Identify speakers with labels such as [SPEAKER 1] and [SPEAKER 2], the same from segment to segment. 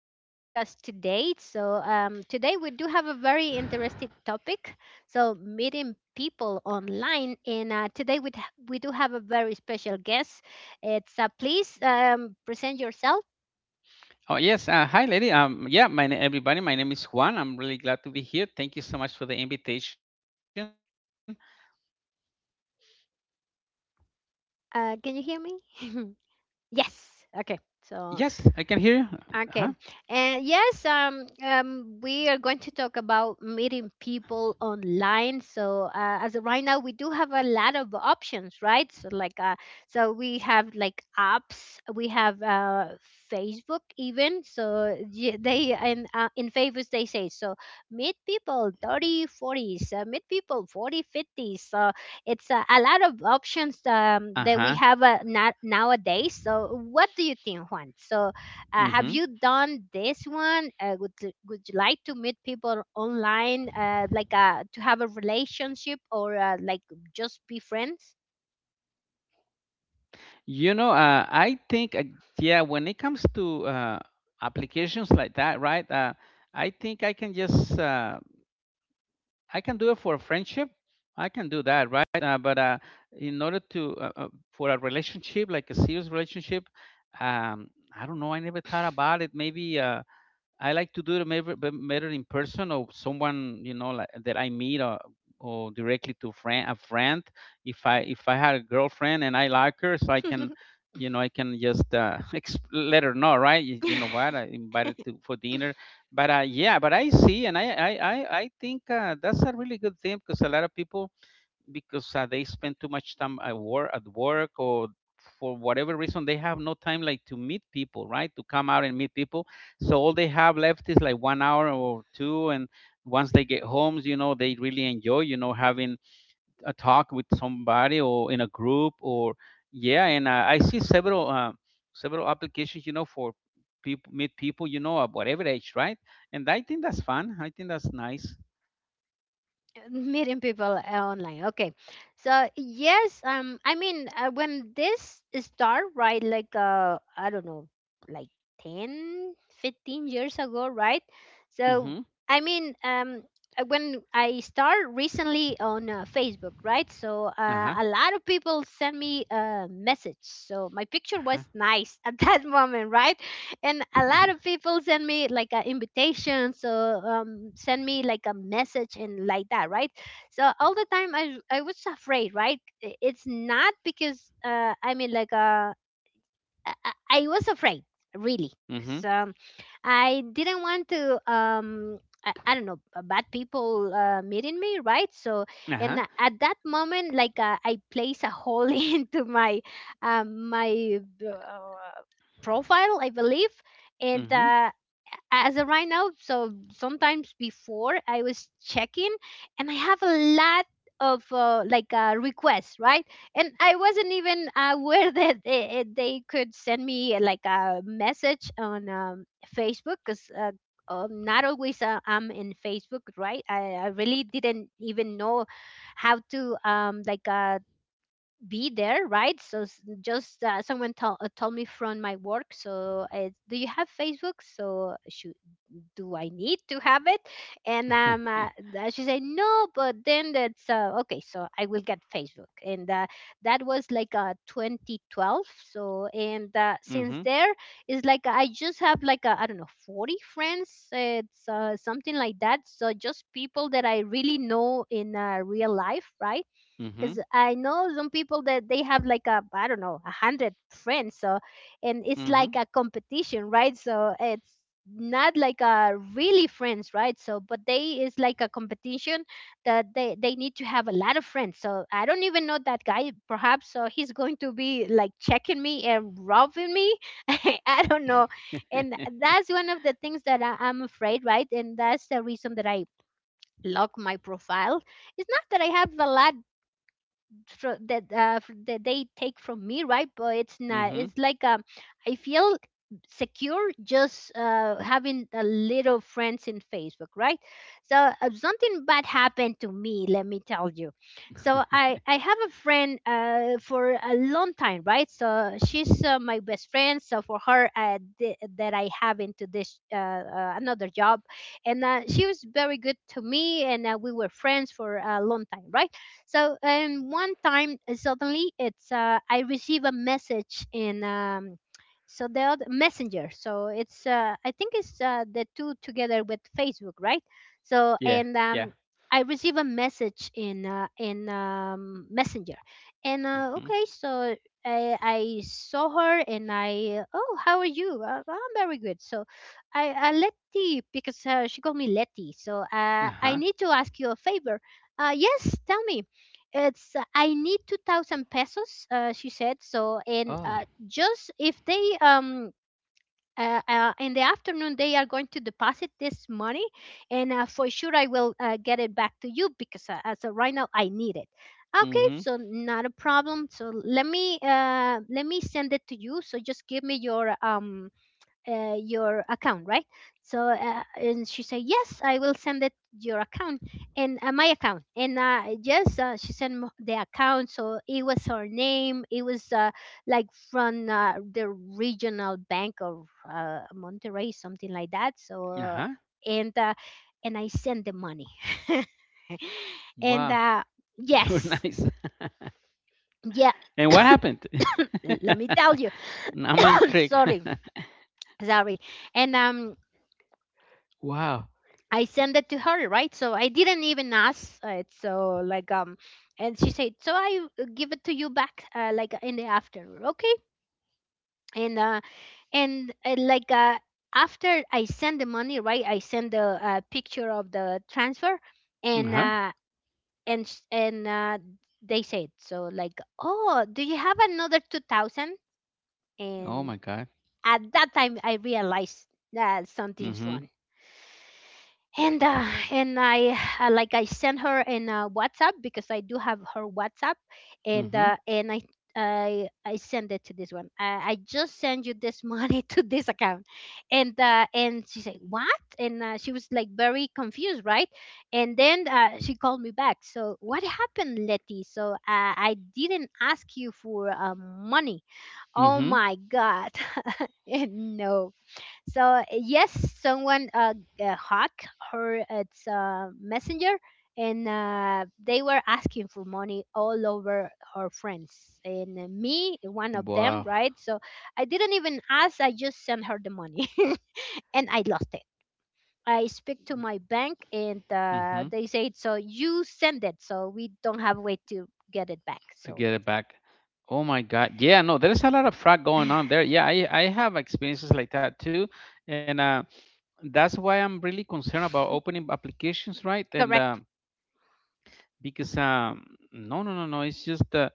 [SPEAKER 1] our podcast today. So, today we do have a very interesting topic. So, meeting people online. And today we do have a very special guest. It's please, present yourself.
[SPEAKER 2] Oh yes, hi lady. Yeah, everybody. My name is Juan. I'm really glad to be here. Thank you so much for the invitation.
[SPEAKER 1] Can you hear me? Yes. Okay.
[SPEAKER 2] Yes, I can hear
[SPEAKER 1] So,
[SPEAKER 2] you. Huh?
[SPEAKER 1] okay. And yes, we are going to talk about meeting people online. So, as of right now, we do have a lot of options, right? So, like, so we have like apps, we have Facebook even. So, they in favors, they say, so meet people 30 forties, meet people 40 fifties. So, it's a lot of options
[SPEAKER 2] Uh huh.
[SPEAKER 1] that we have nowadays. So, what do you think, Juan? So,
[SPEAKER 2] Mm-hmm.
[SPEAKER 1] have you done this one? Would you like to meet people online, like to have a relationship or like just be friends?
[SPEAKER 2] I think, yeah, when it comes to applications like that, right? I think I can just, I can do it for a friendship. I can do that, right? But in order to, for a relationship, like a serious relationship, um, I don't know. I never thought about it. Maybe. I like to do it maybe better in person or someone you know like, that I meet or directly to friend a friend. If I had a girlfriend and I like her, so I can you know I can just let her know, right? You know what? I invited to for dinner, but yeah, but I see and I think that's a really good thing because a lot of people because they spend too much time at work or for whatever reason they have no time like to meet people right to come out and meet people so all they have left is like 1 hour or two, and once they get homes you know they really enjoy you know having a talk with somebody or in a group or yeah. And I see several several applications you know for people meet people you know at whatever age right. And I think that's fun. I think that's nice.
[SPEAKER 1] Meeting people online. Okay. So yes, I mean, when this start, right, like I don't know, like 10, 15 years ago, right. So
[SPEAKER 2] Mm-hmm.
[SPEAKER 1] I mean, when I start recently on Facebook, right. So
[SPEAKER 2] Uh-huh.
[SPEAKER 1] a lot of people send me a message. So my picture
[SPEAKER 2] Uh-huh.
[SPEAKER 1] was nice at that moment, right. And a lot of people send me like an invitation. So send me like a message and like that, right. So all the time I was afraid, right. It's not because I mean, like, I was afraid, really, because
[SPEAKER 2] Mm-hmm.
[SPEAKER 1] I didn't want to. I don't know, bad people meeting me, right? So,
[SPEAKER 2] Uh-huh.
[SPEAKER 1] and at that moment, like, I place a hole into my profile, I believe, and
[SPEAKER 2] Mhm.
[SPEAKER 1] as of right now, so sometimes before I was checking, and I have a lot of requests, right. And I wasn't even aware that they could send me like a message on Facebook, because not always I'm in Facebook, right. I really didn't even know how to, be there, right. So just, someone told me from my work. So do you have Facebook? So should do I need to have it? And she said no, but then that's okay, so I will get Facebook. And that was like 2012. So and
[SPEAKER 2] Mhm.
[SPEAKER 1] since there, it's like I just have like, I don't know, 40 friends. It's something like that, so just people that I really know in real life, right.
[SPEAKER 2] Mhm.
[SPEAKER 1] Because I know some people that they have like a, I don't know, 100 friends, so and it's
[SPEAKER 2] Mhm.
[SPEAKER 1] like a competition, right? So it's not like a really friends, right? So but they is like a competition that they need to have a lot of friends. So I don't even know that guy, perhaps. So he's going to be like checking me and robbing me. I don't know, and that's one of the things that I'm afraid, right? And that's the reason that I lock my profile. It's not that I have a lot that they take from me, right? But it's not.
[SPEAKER 2] Mhm.
[SPEAKER 1] It's like, I feel secure, just having a little friends in Facebook, right? So something bad happened to me. Let me tell you. So I have a friend for a long time, right? So she's my best friend. So for her, that I have into this another job, and she was very good to me, and we were friends for a long time, right? So and one time, suddenly, it's I receive a message in, so the other messenger. So it's, I think it's the two together with Facebook, right? So
[SPEAKER 2] Yeah.
[SPEAKER 1] and
[SPEAKER 2] Yeah.
[SPEAKER 1] I receive a message in messenger, and
[SPEAKER 2] Mhm.
[SPEAKER 1] okay, so. I saw her and I, oh, how are you? I'm very good, so I Letty, because she called me Letty, so I
[SPEAKER 2] Uh-huh.
[SPEAKER 1] need to ask you a favor. Yes, tell me. It's I need 2,000 pesos, she said. So and
[SPEAKER 2] Oh.
[SPEAKER 1] just if they, in the afternoon they are going to deposit this money, and for sure I will get it back to you, because as of right now I need it. Okay,
[SPEAKER 2] Mhm.
[SPEAKER 1] so not a problem. So let me send it to you, so just give me your, your account, right? So and she said, yes, I will send it your account, and my account. And yes, she sent the account. So it was her name. It was like from the regional bank of Monterey, something like that. So
[SPEAKER 2] Uh-huh.
[SPEAKER 1] and uh, and I sent the money. And
[SPEAKER 2] Wow. You're
[SPEAKER 1] yes,
[SPEAKER 2] nice.
[SPEAKER 1] yeah.
[SPEAKER 2] And what happened?
[SPEAKER 1] Let me tell you.
[SPEAKER 2] I'm intrigued.
[SPEAKER 1] Sorry, sorry. And
[SPEAKER 2] Wow.
[SPEAKER 1] I sent it to her, right? So I didn't even ask it. So like, and she said, so I, give it to you back like in the afternoon, okay? And uh, and after I send the money, right? I send the picture of the transfer, and
[SPEAKER 2] Uh-huh.
[SPEAKER 1] uh, and they said so, like, oh, do you have another 2,000?
[SPEAKER 2] Oh
[SPEAKER 1] And
[SPEAKER 2] my God.
[SPEAKER 1] at that time, I realized that something's
[SPEAKER 2] Mhm.
[SPEAKER 1] wrong, and I, like, I sent her in WhatsApp, because I do have her WhatsApp, and
[SPEAKER 2] Mhm.
[SPEAKER 1] uh, and I send it to this one. I just send you this money to this account, and she said what? And she was like very confused, right? And then she called me back. So what happened, Letty? So I didn't ask you for money. Oh
[SPEAKER 2] Mhm.
[SPEAKER 1] my god! And no, so yes, someone hacked her its messenger, and they were asking for money all over her friends, and me, one of them,
[SPEAKER 2] Wow.
[SPEAKER 1] right? So I didn't even ask; I just sent her the money, and I lost it. I speak to my bank, and
[SPEAKER 2] Mhm.
[SPEAKER 1] they said, "So you send it, so we don't have a way to get it back."
[SPEAKER 2] To
[SPEAKER 1] So
[SPEAKER 2] get it back. Oh my God. Yeah. No, there's a lot of fraud going on there. Yeah. I have experiences like that too, and. That's why I'm really concerned about opening applications, right? And
[SPEAKER 1] correct
[SPEAKER 2] because no, it's just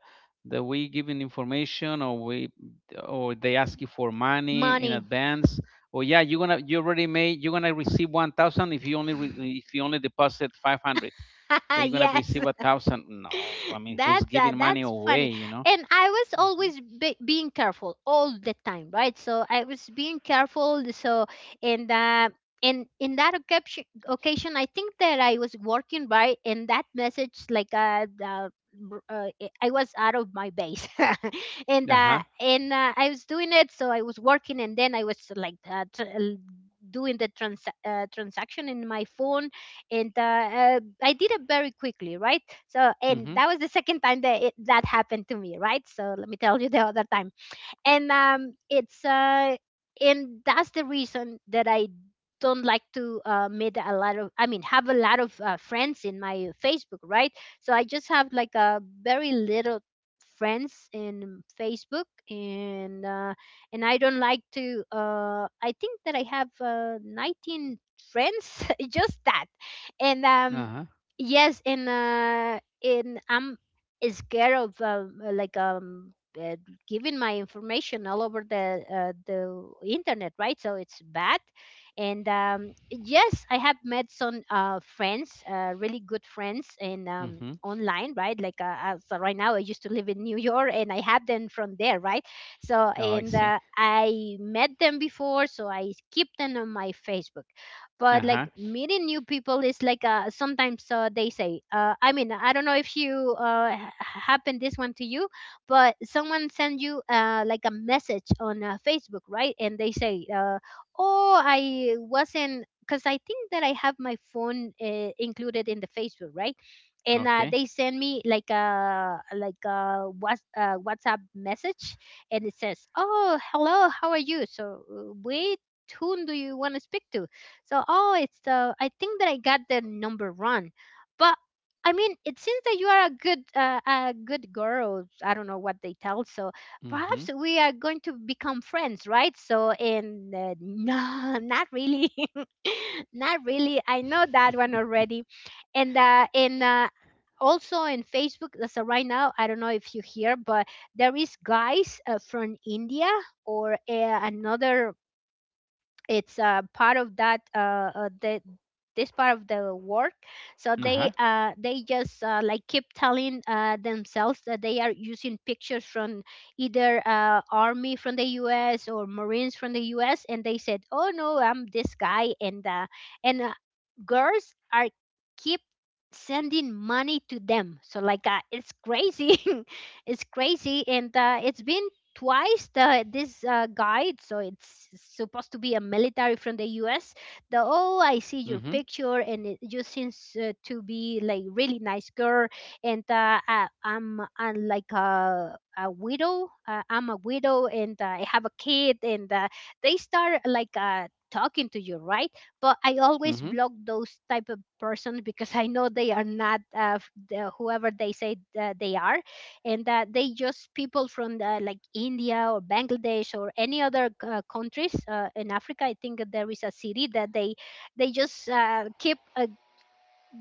[SPEAKER 2] the way giving information, or we, or they ask you for money in
[SPEAKER 1] money.
[SPEAKER 2] advance, or yeah, you're gonna, you already made, you're gonna receive 1,000 if you only, if you only deposit 500, then you're gonna
[SPEAKER 1] Yes.
[SPEAKER 2] receive a thousand. No, I mean, who's
[SPEAKER 1] that's uh,
[SPEAKER 2] giving money
[SPEAKER 1] that's funny.
[SPEAKER 2] away, you know?
[SPEAKER 1] And I was
[SPEAKER 2] Mm-hmm.
[SPEAKER 1] always being careful all the time, right. So I was being careful, so and uh and in that occasion I think that I was working, right. And that message, like, I was out of my base and
[SPEAKER 2] Uh
[SPEAKER 1] uh
[SPEAKER 2] huh.
[SPEAKER 1] and uh, I was doing it, so I was working, and then I was like, doing the transaction in my phone. And I did it very quickly, right? So, and
[SPEAKER 2] Mm-hmm.
[SPEAKER 1] that was the second time that happened to me, right? So, let me tell you the other time. And it's and that's the reason that I don't like to, meet a lot of, I mean, have a lot of friends in my Facebook, right? So I just have like a very little friends in Facebook, and I don't like to. I think that I have 19 friends, just that, and
[SPEAKER 2] Uh huh.
[SPEAKER 1] yes, and I'm scared of, giving my information all over the internet, right? So it's bad. And yes, I have met some friends, really good friends, and
[SPEAKER 2] Mm-hmm.
[SPEAKER 1] online, right? Like, as right now, I used to live in New York, and I have them from there, right? So
[SPEAKER 2] Oh, I
[SPEAKER 1] and
[SPEAKER 2] see.
[SPEAKER 1] I met them before, so I keep them on my Facebook.
[SPEAKER 2] Uh
[SPEAKER 1] But like
[SPEAKER 2] huh.
[SPEAKER 1] meeting new people is like, sometimes, they say, I mean, I don't know if you, happened this one to you. But someone send you like a message on Facebook, right. And they say, oh, I wasn't, because I think that I have my phone included in the Facebook, right. And
[SPEAKER 2] Okay.
[SPEAKER 1] they send me like a WhatsApp message. And it says, oh, hello, how are you? So wait, whom do you want to speak to? So, oh, it's the I think that I got the number wrong, but I mean, it seems that you are a good girl. I don't know what they tell. So
[SPEAKER 2] Mm-hmm.
[SPEAKER 1] perhaps we are going to become friends, right? So and no, not really, not really. I know that one already, and also in Facebook. So right now, I don't know if you hear, but there is guys from India or another it's part of that the this part of the work, so
[SPEAKER 2] Uh-huh.
[SPEAKER 1] they just like keep telling themselves that they are using pictures from either army from the US or marines from the US, and they said, oh no, I'm this guy, and girls are keep sending money to them. So like it's crazy. It's crazy, and it's been twice, the this guide, so it's supposed to be a military from the US. The Oh, I see
[SPEAKER 2] Mhm.
[SPEAKER 1] your picture and it, you seems to be like really nice girl, and I, I'm I like a widow, I'm a widow, and I have a kid, and they start like talking to you, right? But I always
[SPEAKER 2] Mhm.
[SPEAKER 1] block those type of persons because I know they are not the, whoever they say they are, and that they just people from the, like India or Bangladesh or any other countries in Africa. I think that there is a city that they just keep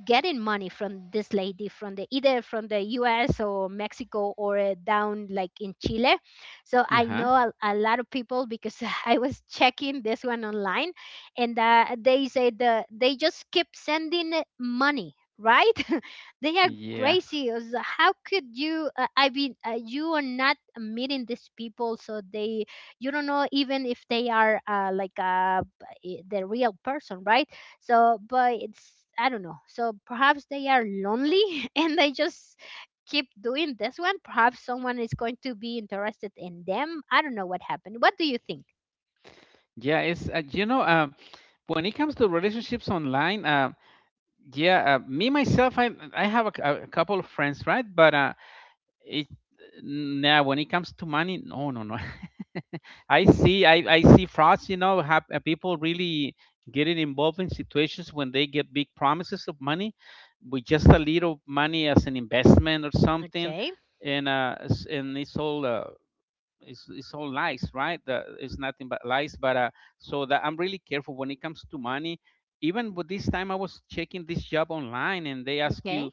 [SPEAKER 1] getting money from this lady from the either from the US or Mexico or down like in Chile. So I
[SPEAKER 2] Uh-huh.
[SPEAKER 1] know a lot of people because I was checking this one online, and they say they just keep sending it money, right? They are
[SPEAKER 2] Yeah.
[SPEAKER 1] crazy. How could you you are not meeting these people, so they you don't know even if they are the real person, right? So, but it's, I don't know. So perhaps they are lonely and they just keep doing this one. Perhaps someone is going to be interested in them. I don't know what happened. What do you think?
[SPEAKER 2] Yeah, it's you know, when it comes to relationships online, yeah, me myself, I have a, a couple of friends, right? But it now when it comes to money, no. I see, I see frauds. You know, have people really getting involved in situations when they get big promises of money with just a little money as an investment or something,
[SPEAKER 1] Okay.
[SPEAKER 2] and and it's all. It's all lies right the, it's nothing but lies. But so that I'm really careful when it comes to money. Even with this time I was checking this job online and they ask
[SPEAKER 1] Okay.
[SPEAKER 2] you,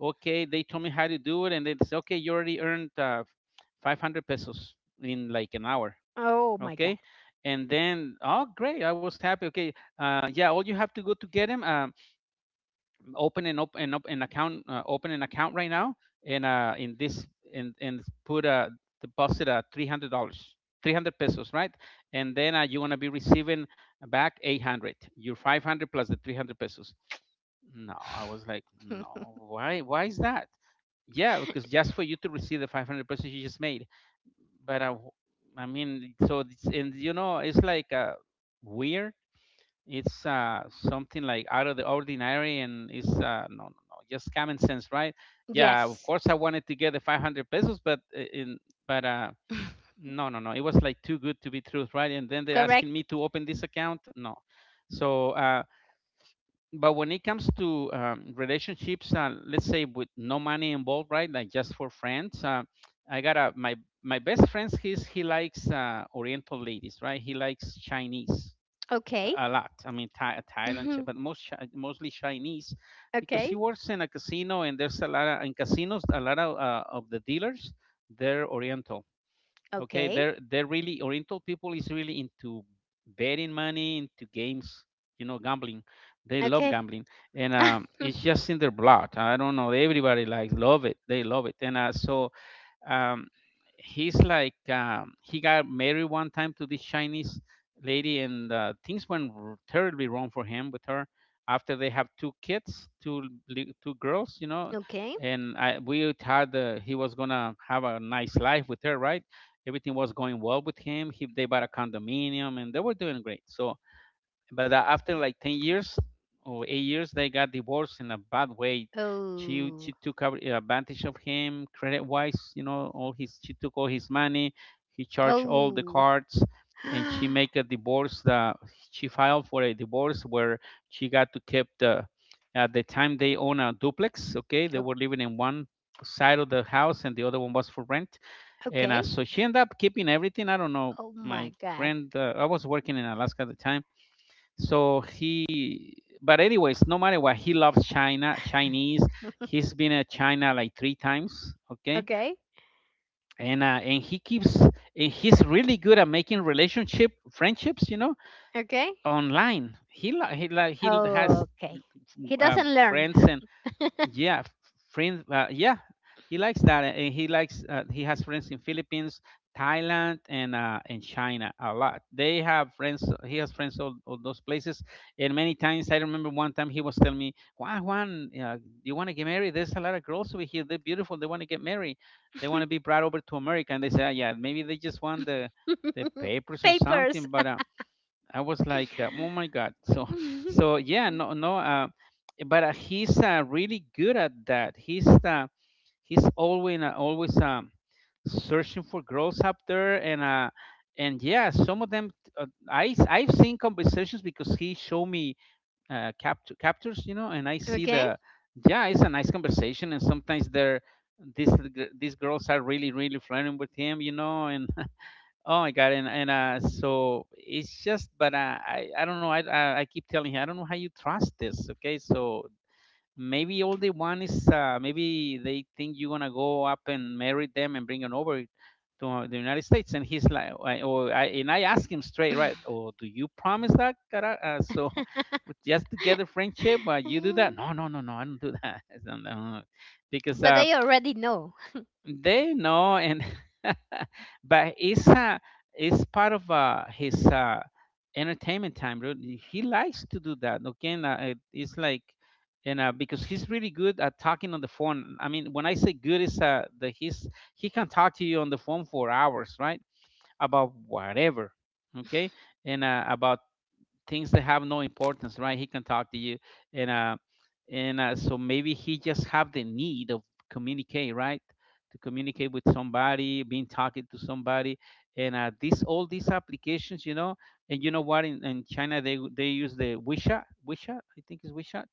[SPEAKER 2] okay, they told me how to do it and they say, okay, you already earned 500 pesos in like an hour.
[SPEAKER 1] Oh my God.
[SPEAKER 2] Okay, and then, oh great, I was happy. Okay, yeah, all you have to go to get him. Open an account, open an account right now, and in this, and put a deposit at $300. 300 pesos, right? And then you want to be receiving back 800, your 500 plus the 300 pesos. No, I was like, no, why, why is that? Yeah, because just for you to receive the 500 pesos you just made. But I mean so it's, and you know it's like weird. It's something like out of the ordinary and it's no, no, no, just common sense, right? Yeah, of
[SPEAKER 1] Yes.
[SPEAKER 2] course I wanted to get the 500 pesos, but in but no, no, no, it was like too good to be truth, right? And then they're asking
[SPEAKER 1] Correct.
[SPEAKER 2] me to open this account, no. So, but when it comes to relationships, let's say with no money involved, right? Like just for friends, I got my my best friends. He likes Oriental ladies, right? He likes Chinese
[SPEAKER 1] Okay.
[SPEAKER 2] a lot. I mean, Thai, Thailand,
[SPEAKER 1] Mhm.
[SPEAKER 2] but mostly Chinese, because he
[SPEAKER 1] Okay.
[SPEAKER 2] works in a casino, and there's a lot of in casinos. A lot of the dealers they're Oriental. Okay,
[SPEAKER 1] Okay.
[SPEAKER 2] they're really Oriental people is really into betting money, into games. You know, gambling. They love
[SPEAKER 1] Okay.
[SPEAKER 2] gambling, and it's just in their blood. I don't know. Everybody likes love it. They love it, and so um, he's like he got married one time to this Chinese lady, and things went terribly wrong for him with her. After they have two kids, two girls, you know,
[SPEAKER 1] Okay.
[SPEAKER 2] and I we had he was gonna have a nice life with her, right? Everything was going well with him. He they bought a condominium, and they were doing great. So but after like 10 years or 8 years they got divorced in a bad way. she
[SPEAKER 1] Oh.
[SPEAKER 2] she took advantage of him credit wise, you know, all his she took all his money, he charged all the
[SPEAKER 1] Oh.
[SPEAKER 2] cards, and
[SPEAKER 1] O-
[SPEAKER 2] she filed for a divorce where she got to keep the, at the time they own a duplex, okay, they were living in one side of the house and the other one was for rent. And
[SPEAKER 1] okay.
[SPEAKER 2] so she ended up keeping everything. I don't know,
[SPEAKER 1] Oh
[SPEAKER 2] my
[SPEAKER 1] my God.
[SPEAKER 2] friend, I was working in Alaska at the time. So he, but anyways, no matter what, he loves China, Chinese. He's been at China like three times. Okay,
[SPEAKER 1] Okay.
[SPEAKER 2] and he keeps and he's really good at making relationship friendships, you know,
[SPEAKER 1] Okay.
[SPEAKER 2] online. He li- he like he has
[SPEAKER 1] Okay. He
[SPEAKER 2] uh,
[SPEAKER 1] doesn't learn.
[SPEAKER 2] friends and yeah friends yeah, he likes that and he likes he has friends in Philippines, Thailand and China a lot. They have friends, he has friends all those places. And many times, I remember one time he was telling me, Juan, Juan, you want to get married, there's a lot of girls over here, they're beautiful, they want to get married, they want to be brought over to America. And they say, "Ah, yeah, maybe they just want the papers or
[SPEAKER 1] Papers.
[SPEAKER 2] something. But I was like, oh my God. So, so yeah, no, no. But he's really good at that. He's always always searching for girls up there, and yeah, some of them, uh, I I've seen conversations because he showed me captures, you know, and I see
[SPEAKER 1] Okay.
[SPEAKER 2] the yeah, it's a nice conversation, and sometimes they're these these girls are really really flirting with him, you know, and oh my God. And so it's just, but I don't know. I keep telling him, I don't know how you trust this. Okay, so maybe all they want is maybe they think you're gonna go up and marry them and bring them over to the United States. And he's like, I- or I and I asked him straight, right? Oh, do you promise that? So with just to get a friendship, you do that? No, no, no, no, I don't do that. I don't know. Because
[SPEAKER 1] But they already know.
[SPEAKER 2] they know. And but it's part of his entertainment time, really. He likes to do that, ¿no? Again, it's like. And because he's really good at talking on the phone, I mean when I say good is the he's, he can talk to you on the phone for hours, right? About whatever, okay. And about things that have no importance, right? He can talk to you, and so maybe he just have the need of communicate, right? To communicate with somebody, being talking to somebody, and these all these applications, you know. And you know what? In China, they use the WeChat, WeChat, I think is WeChat.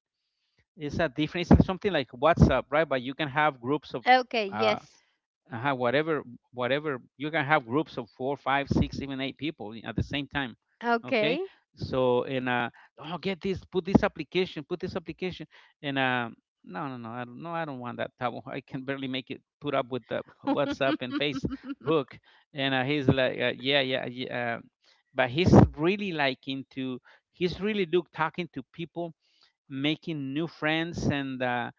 [SPEAKER 2] It's a different, it's something like WhatsApp, right? But you can have groups of
[SPEAKER 1] Okay,
[SPEAKER 2] uh,
[SPEAKER 1] yes.
[SPEAKER 2] uh whatever whatever you can have groups of 4 5 6 even eight people at the same time.
[SPEAKER 1] Okay.
[SPEAKER 2] Okay. So and uh oh get this, put this application, and no, no, no, I don't, I don't want that table. I can barely make it put up with the WhatsApp and Facebook. And he's like, yeah, yeah, yeah, but he's really like into, he's really look talking to people, making new friends. And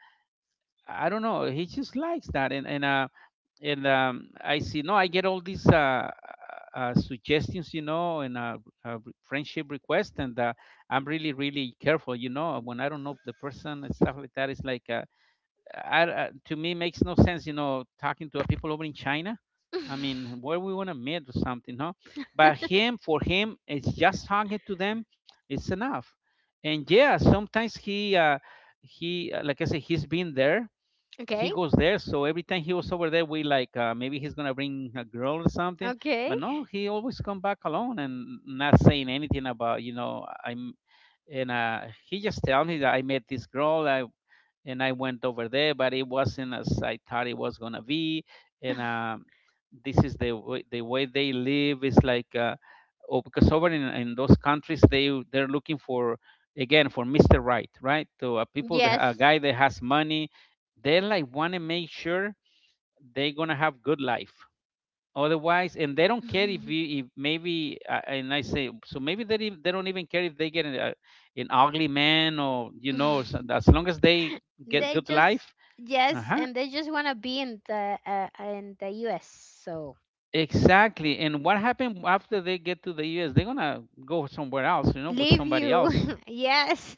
[SPEAKER 2] I don't know, he just likes that. And I see, no, I get all these suggestions, you know, and friendship requests, and I'm really, really careful, you know, when I don't know the person and stuff like that. It's like, to me, makes no sense, you know, talking to people over in China. I mean, where we want to meet or something, no? But him, for him, it's just talking to them. It's enough. And yeah, sometimes like I said, he's been there, he
[SPEAKER 1] Okay.
[SPEAKER 2] goes there. So every time he was over there, we like, maybe he's gonna bring a girl or something.
[SPEAKER 1] Okay.
[SPEAKER 2] But no, he always come back alone and not saying anything about, you know, I'm. And he just tell me that I met this girl. I and I went over there, but it wasn't as I thought it was gonna be. And this is the way, they live is like, oh, because over in, those countries they're looking for, again, for Mr. Right, right? So a people, a
[SPEAKER 1] Yes.
[SPEAKER 2] guy that has money, they like want to make sure they're gonna have good life. Otherwise, and they don't care if you, if maybe, and I say so maybe they they don't even care if they get an ugly man, or you know, so as long as they get
[SPEAKER 1] They
[SPEAKER 2] good
[SPEAKER 1] just
[SPEAKER 2] life. Uh
[SPEAKER 1] yes,
[SPEAKER 2] huh.
[SPEAKER 1] and they just want to be in the US. So,
[SPEAKER 2] Exactly. And what happened after they get to the U.S.? They're gonna go somewhere else, you know, with
[SPEAKER 1] leave
[SPEAKER 2] somebody else.
[SPEAKER 1] you. Yes.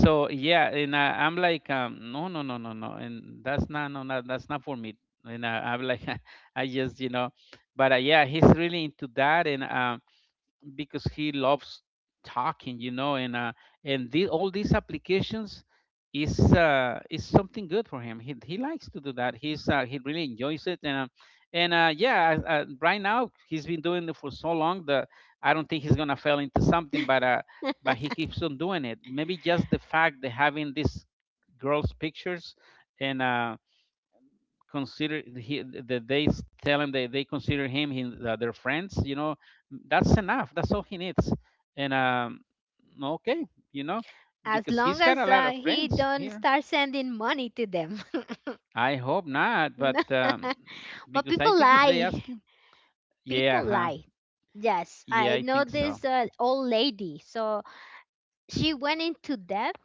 [SPEAKER 2] So yeah, and I'm like, no, no, no, no, no, and that's not, no, no, that's not for me. And I'm like, I just, you know, but yeah, he's really into that. And because he loves talking, you know. And the, all these applications is, is something good for him, he likes to do that, he's he really enjoys it. And yeah Right now he's been doing it for so long that I don't think he's gonna fail into something, but he keeps on doing it. Maybe just the fact that having these girls pictures and consider he, that they tell him that they consider him their friends, you know, that's enough, that's all he needs. And Okay. You know,
[SPEAKER 1] As
[SPEAKER 2] because he's
[SPEAKER 1] long
[SPEAKER 2] got a
[SPEAKER 1] as
[SPEAKER 2] lot of
[SPEAKER 1] he
[SPEAKER 2] friends
[SPEAKER 1] don't
[SPEAKER 2] here.
[SPEAKER 1] start sending money to them.
[SPEAKER 2] I hope not,
[SPEAKER 1] No.
[SPEAKER 2] but
[SPEAKER 1] But
[SPEAKER 2] because I
[SPEAKER 1] people
[SPEAKER 2] think if they
[SPEAKER 1] lie.
[SPEAKER 2] ask him, yeah
[SPEAKER 1] People
[SPEAKER 2] huh,
[SPEAKER 1] lie. Yes,
[SPEAKER 2] yeah
[SPEAKER 1] I
[SPEAKER 2] I
[SPEAKER 1] know
[SPEAKER 2] think so.
[SPEAKER 1] this old lady. So she went into debt,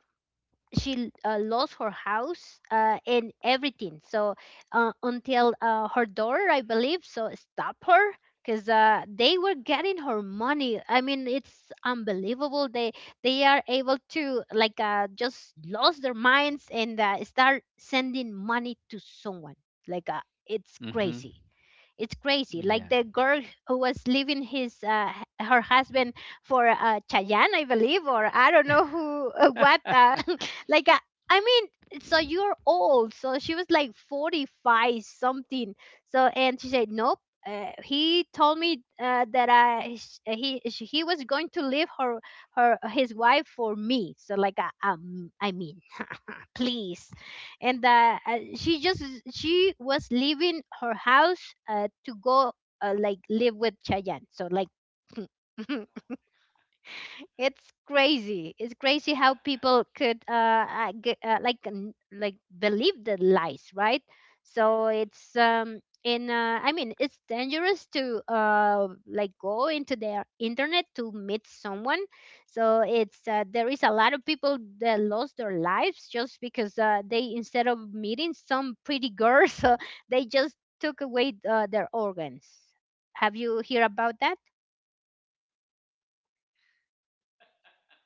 [SPEAKER 1] she lost her house and everything. So until her daughter, I believe, so stop her because they were getting her money. I mean, it's unbelievable. They are able to like just lost their minds and start sending money to someone. Like it's
[SPEAKER 2] Mhm.
[SPEAKER 1] crazy. It's crazy. Like
[SPEAKER 2] Yeah.
[SPEAKER 1] the girl who was leaving his her husband for Chayanne, I believe, or I don't know who, what. Like uh, I mean, so you're old. So she was like 45 something. So and she said nope. He told me that I sh- he sh- he was going to leave her her his wife for me. So like I mean, please, and that she was leaving her house to go like live with Chayanne. So like it's crazy. It's crazy how people could like like believe the lies, right? So it's in I mean it's dangerous to like go into their internet to meet someone. So it's there is a lot of people that lost their lives just because they instead of meeting some pretty girls, so they just took away their organs. Have you hear about that?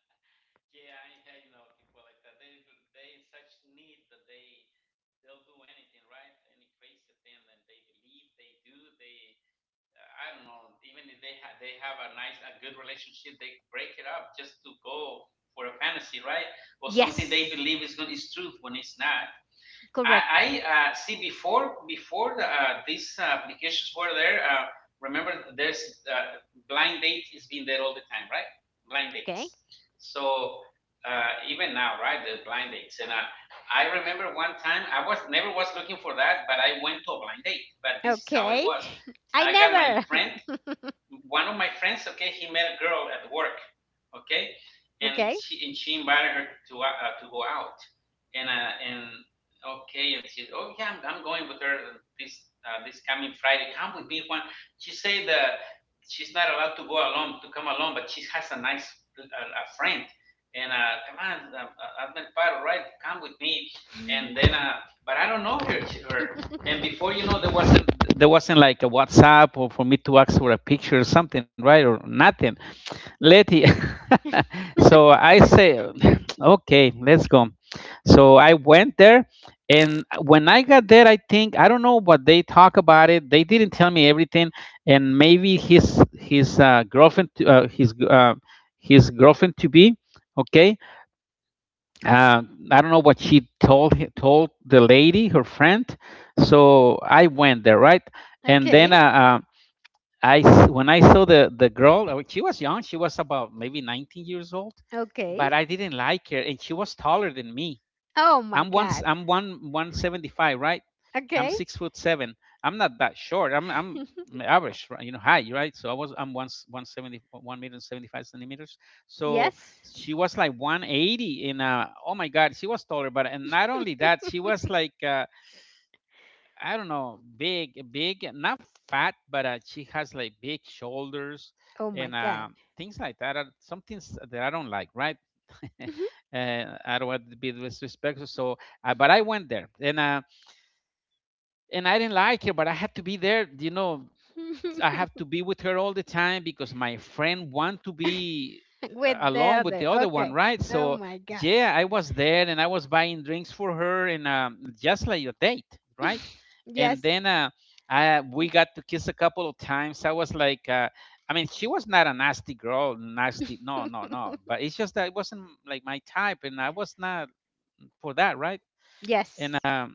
[SPEAKER 2] Yeah, I know people like that. They in such need that they, they'll do anything, right? Any crazy thing, and they believe they do. They, I don't know. Even if they they have a nice, a good relationship, they break it up just to go for a fantasy, right? Or something they believe is going
[SPEAKER 1] Yes,
[SPEAKER 2] is truth when it's not. I
[SPEAKER 1] correct.
[SPEAKER 2] see, before, the, these applications were there. Remember, there's, uh, blind date is been there all the time, right? Blind dates.
[SPEAKER 1] Okay.
[SPEAKER 2] So even now, right, the blind dates. And I remember one time I was never was looking for that, but I went to a blind date. But this is how it
[SPEAKER 1] Okay.
[SPEAKER 2] was. I
[SPEAKER 1] I
[SPEAKER 2] got my friend,
[SPEAKER 1] never.
[SPEAKER 2] one of my friends, okay, he met a girl at work, okay, and
[SPEAKER 1] Okay.
[SPEAKER 2] she invited her to go out, and okay, and she, oh yeah, I'm going with her this this coming Friday. Come with me, Juan. She said that she's not allowed to go alone, to come alone, but she has a nice a friend, and come on, Admiral Paro, right? Come with me, and then but I don't know her. And before you know, there wasn't like a WhatsApp, or for me to ask for a picture or something, right? Or nothing. Letty. So I say, okay, let's go. So I went there, and when I got there, I think I don't know what they talk about it. They didn't tell me everything, and maybe his girlfriend, his girlfriend to be, okay, uh, I don't know what she told told the lady, her friend. So I went there, right? And then
[SPEAKER 1] Okay.
[SPEAKER 2] uh, when I saw the girl, she was young. She was about maybe 19 years old,
[SPEAKER 1] Okay.
[SPEAKER 2] but I didn't like her, and she was taller than me.
[SPEAKER 1] Oh my god.
[SPEAKER 2] I'm one 175, right? I'm
[SPEAKER 1] Okay.
[SPEAKER 2] 6 foot seven. I'm not that short. I'm average, right? You know, high, right? So I'm one one seventy, 1 meter and 75 centimeters. So
[SPEAKER 1] Yes.
[SPEAKER 2] she was like 180 in, oh my god, she was taller, but and not only that, she was like, I don't know, big, not fat, but she has like big shoulders
[SPEAKER 1] Oh my
[SPEAKER 2] and
[SPEAKER 1] god.
[SPEAKER 2] things like that. Are some things that I don't like, right? I don't want to be disrespectful. So, but I went there, and I didn't like her, but I had to be there. You know, I have to be with her all the time because my friend want to be
[SPEAKER 1] With the
[SPEAKER 2] alone with
[SPEAKER 1] other.
[SPEAKER 2] the other one,
[SPEAKER 1] Okay.
[SPEAKER 2] right?
[SPEAKER 1] Oh
[SPEAKER 2] So
[SPEAKER 1] my god.
[SPEAKER 2] yeah, I was there, and I was buying drinks for her, and just like a date, right? And
[SPEAKER 1] Yes.
[SPEAKER 2] then I we got to kiss a couple of times. I was like. I mean, she was not a nasty girl, nasty. No, no, no. But it's just that it wasn't like my type, and I was not for that, right? And
[SPEAKER 1] Yes.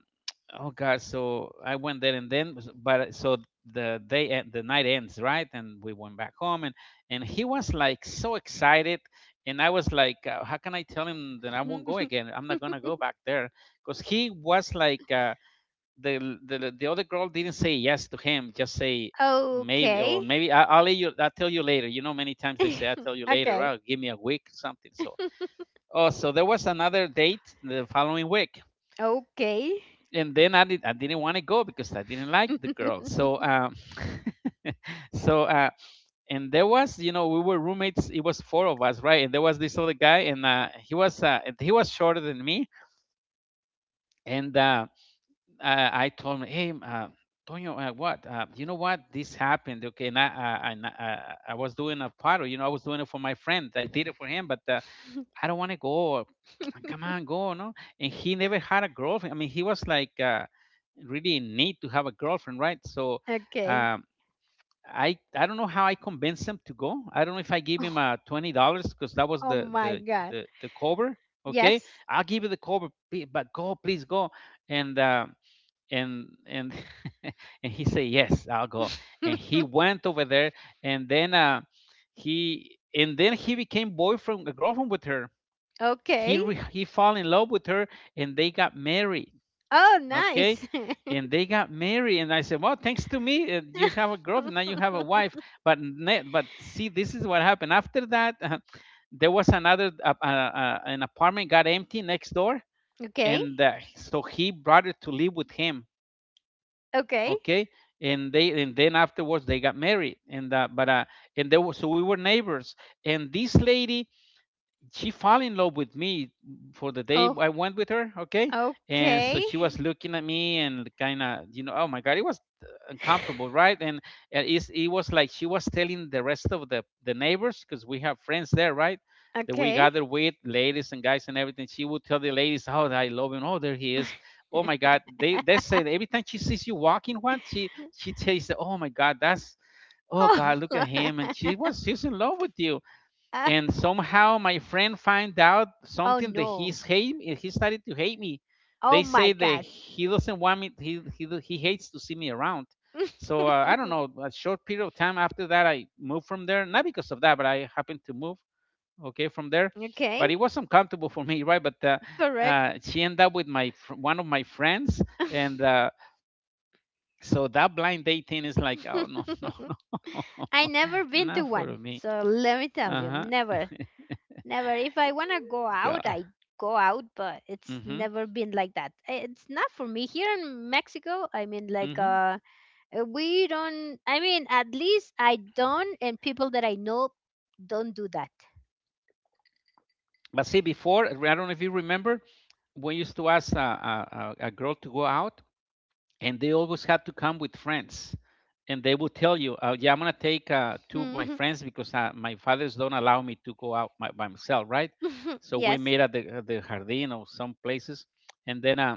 [SPEAKER 2] oh god, so I went there and then, but so the day and the night ends, right? And we went back home, and he was like so excited, and I was like, how can I tell him that I won't go again? I'm not gonna go back there, because he was like the other girl didn't say yes to him, just say maybe, or
[SPEAKER 1] Okay.
[SPEAKER 2] maybe I'll let you, I'll tell you later. You know, many times they say I'll tell you later.
[SPEAKER 1] Okay.
[SPEAKER 2] Oh, give me a week, something. So oh, so there was another date the following week,
[SPEAKER 1] Okay.
[SPEAKER 2] and then I didn't want to go because I didn't like the girl. So, so and there was, you know, we were roommates. It was four of us, right? And there was this other guy, and he was shorter than me. And I told him, hey, Tonyo, what? You know what? This happened, okay? And I was doing a paddle, you know, I was doing it for my friend. I did it for him, but I don't want to go. Come on, go, no? And he never had a girlfriend. I mean, he was like. Really need to have a girlfriend, right? So
[SPEAKER 1] Okay.
[SPEAKER 2] um, I I don't know how I convinced him to go. I don't know if I gave him $20 because that was
[SPEAKER 1] Oh my god.
[SPEAKER 2] the cover. Okay,
[SPEAKER 1] Yes.
[SPEAKER 2] I'll give you the cover, but go, please go. And and and and he said yes, I'll go. And he went over there, and then he and then he became boyfriend, girlfriend with her.
[SPEAKER 1] Okay.
[SPEAKER 2] He fell in love with her, and they got married.
[SPEAKER 1] Oh,
[SPEAKER 2] Okay.
[SPEAKER 1] nice.
[SPEAKER 2] And they got married, and I said, well, thanks to me, you have a girlfriend now, you have a wife. But but see, this is what happened after that. There was another an apartment got empty next door,
[SPEAKER 1] Okay.
[SPEAKER 2] and so he brought her to live with him.
[SPEAKER 1] Okay.
[SPEAKER 2] Okay. And they and then afterwards they got married, and but and there was, so we were neighbors, and this lady, she fell in love with me, for the day
[SPEAKER 1] Oh,
[SPEAKER 2] I went with her, okay? And so
[SPEAKER 1] okay.
[SPEAKER 2] she was looking at me and kind of, you know, oh my god, it was uncomfortable, right? And it was like she was telling the rest of the neighbors, because we have friends there, right? That we
[SPEAKER 1] Okay.
[SPEAKER 2] gather with ladies and guys and everything. She would tell the ladies, "Oh, I love him. Oh, there he is. Oh my God." They say that every time she sees you walking, what she tells, "Oh my God, that's, oh God,
[SPEAKER 1] Oh.
[SPEAKER 2] look at him." And she's in love with you.
[SPEAKER 1] Ah,
[SPEAKER 2] And somehow my friend find out
[SPEAKER 1] oh
[SPEAKER 2] something that
[SPEAKER 1] no.
[SPEAKER 2] he started to hate me.
[SPEAKER 1] Oh
[SPEAKER 2] They
[SPEAKER 1] my
[SPEAKER 2] say that
[SPEAKER 1] god.
[SPEAKER 2] he doesn't want me, he hates to see me around. So I don't know, a short period of time after that I moved from there, not because of that, but I happened to move, okay, from there.
[SPEAKER 1] Okay.
[SPEAKER 2] But it was uncomfortable for me right, but
[SPEAKER 1] Correct.
[SPEAKER 2] she ended up with my one of my friends. And so that blind dating is like, oh, no, no, no.
[SPEAKER 1] I never been to
[SPEAKER 2] Not for
[SPEAKER 1] one.
[SPEAKER 2] me.
[SPEAKER 1] So let me tell you,
[SPEAKER 2] Uh-huh.
[SPEAKER 1] never. Never. If I want to go out,
[SPEAKER 2] God.
[SPEAKER 1] I go out, but it's
[SPEAKER 2] Hmm.
[SPEAKER 1] never been like that. I- It's not for me here in Mexico. I mean like
[SPEAKER 2] Hmm.
[SPEAKER 1] we don't, I mean, at least I don't, and people that I know don't do that.
[SPEAKER 2] But see, before, I don't know if you remember, we used to ask a girl to go out, and they always had to come with friends. And they would tell you, yeah, I'm going to take two of my
[SPEAKER 1] Hmm.
[SPEAKER 2] friends because my fathers don't allow me to go out by myself, right? So we
[SPEAKER 1] Yes.
[SPEAKER 2] meet at at the Jardin or some places. And then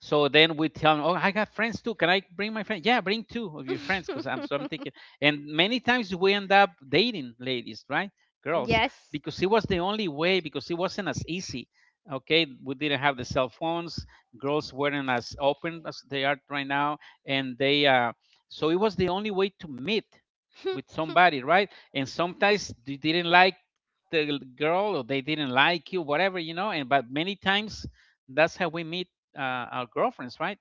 [SPEAKER 2] so then we tell them, "Oh, I got friends too. Can I bring my friend? Yeah, bring two of your friends." Because I'm thinking, and many times we end up dating ladies, right? Girls,
[SPEAKER 1] Yes.
[SPEAKER 2] because it was the only way. Because it wasn't as easy. Okay, we didn't have the cell phones. Girls weren't as open as they are right now, and they so it was the only way to meet with somebody, right? And sometimes they didn't like the girl or they didn't like you, whatever, you know. And but many times that's how we meet our girlfriends, right?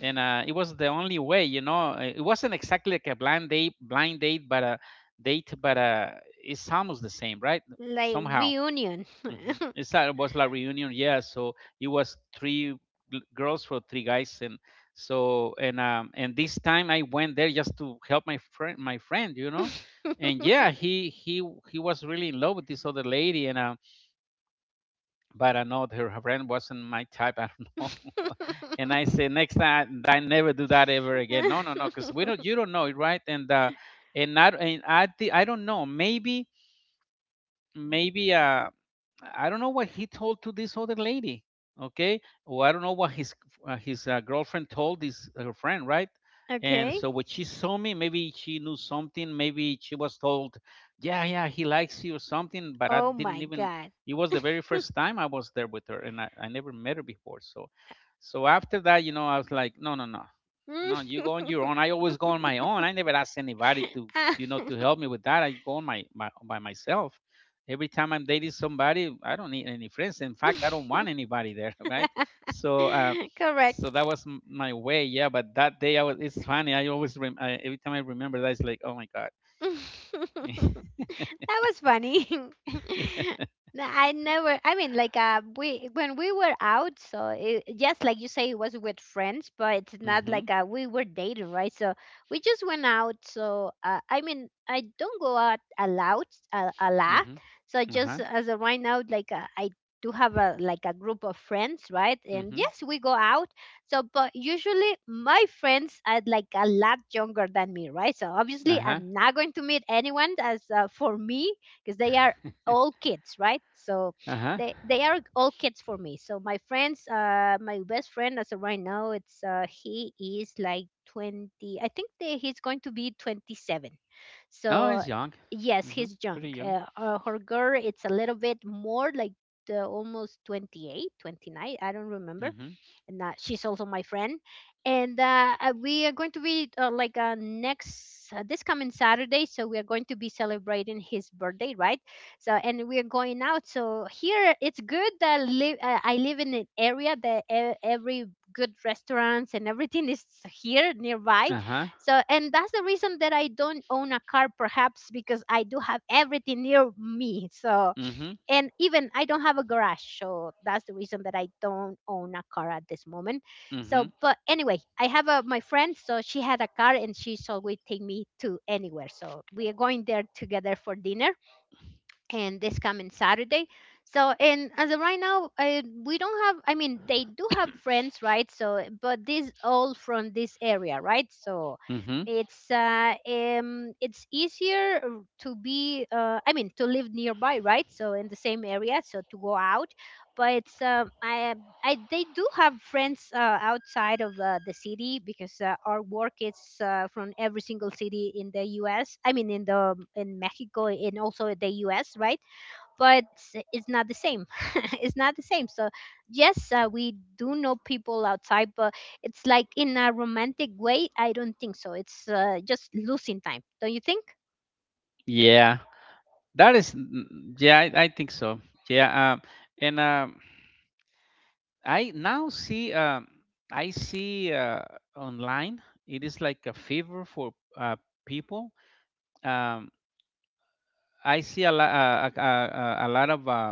[SPEAKER 2] And it was the only way, you know. It wasn't exactly like a blind date, but a date, but it's almost the same, right?
[SPEAKER 1] Like
[SPEAKER 2] Somehow,
[SPEAKER 1] reunion.
[SPEAKER 2] it's like it was like reunion, yeah. So it was three girls for three guys, and so and this time I went there just to help my friend, you know. And yeah, he was really in love with this other lady, and but I know that her friend wasn't my type. I don't know. And I said, next time, I never do that ever again. No, no, no, because we don't, you don't know it, right? And and I I don't know. Maybe I don't know what he told to this other lady, okay? Or I don't know what his girlfriend told this her friend, right? And
[SPEAKER 1] Okay.
[SPEAKER 2] so when she saw me, maybe she knew something. Maybe she was told, "Yeah, yeah, he likes you" or something. But I
[SPEAKER 1] Oh
[SPEAKER 2] didn't
[SPEAKER 1] my
[SPEAKER 2] even.
[SPEAKER 1] god.
[SPEAKER 2] It was the very first time I was there with her, and I never met her before. So, so after that, you know, I was like, "No, no, no, no, you go on your own." I always go on my own. I never ask anybody to, you know, to help me with that. I go on my by myself every time I'm dating somebody, I don't need any friends. In fact, I don't want anybody there, right? So,
[SPEAKER 1] Correct.
[SPEAKER 2] so that was my way, yeah. But that day, I was. It's funny. I always every time I remember that, it's like, oh my god.
[SPEAKER 1] That was funny. No, I never. I mean, like, we when we were out, so it, just like you say, it was with friends, but it's not
[SPEAKER 2] Mhm.
[SPEAKER 1] like we were dating, right? So we just went out. So I mean, I don't go out a lot, a lot.
[SPEAKER 2] Mhm.
[SPEAKER 1] So
[SPEAKER 2] Uh
[SPEAKER 1] just
[SPEAKER 2] huh.
[SPEAKER 1] as of right now, like I do have a like a group of friends, right? And
[SPEAKER 2] Mhm.
[SPEAKER 1] yes, we go out. So, but usually my friends are like a lot younger than me, right? So
[SPEAKER 2] Uh
[SPEAKER 1] obviously
[SPEAKER 2] huh.
[SPEAKER 1] I'm not going to meet anyone as for me because they are all kids, right? So
[SPEAKER 2] Uh huh.
[SPEAKER 1] they are all kids for me. So my friends, my best friend as of right now, it's he is like 20. I think that he's going to be 27.
[SPEAKER 2] Oh,
[SPEAKER 1] So
[SPEAKER 2] it's young.
[SPEAKER 1] yes,
[SPEAKER 2] Mhm.
[SPEAKER 1] he's young.
[SPEAKER 2] Pretty young.
[SPEAKER 1] Her girl, it's a little bit more like. The almost 28 29 I don't remember,
[SPEAKER 2] Mhm.
[SPEAKER 1] and she's also my friend. And we are going to be next this coming Saturday, so we are going to be celebrating his birthday, right? So and we are going out. So here it's good that live I live in an area that e- every good restaurants and everything is here nearby.
[SPEAKER 2] Uh huh.
[SPEAKER 1] So, and that's the reason that I don't own a car, perhaps because I do have everything near me. So,
[SPEAKER 2] Mhm.
[SPEAKER 1] and even I don't have a garage, so that's the reason that I don't own a car at this moment. So,
[SPEAKER 2] Mhm.
[SPEAKER 1] but anyway, I have a my friend, so she had a car and she's always take me to anywhere. So we are going there together for dinner, and this coming Saturday. So, and as of right now, we don't have, I mean, they do have friends, right? So, but these all from this area, right? So,
[SPEAKER 2] Mhm.
[SPEAKER 1] it's easier to be I mean to live nearby, right? So in the same area, so to go out, but it's I they do have friends outside of the city because our work is from every single city in the U.S. I mean, in the in Mexico and also in the U.S. Right? But it's not the same. It's not the same. So yes, we do know people outside, but it's like in a romantic way. I don't think so. It's just losing time. Don't you think?
[SPEAKER 2] Yeah. That is. Yeah, I think so. Yeah. And I now see I see online it is like a fever for people. Um, I see a, lo- a lot of uh,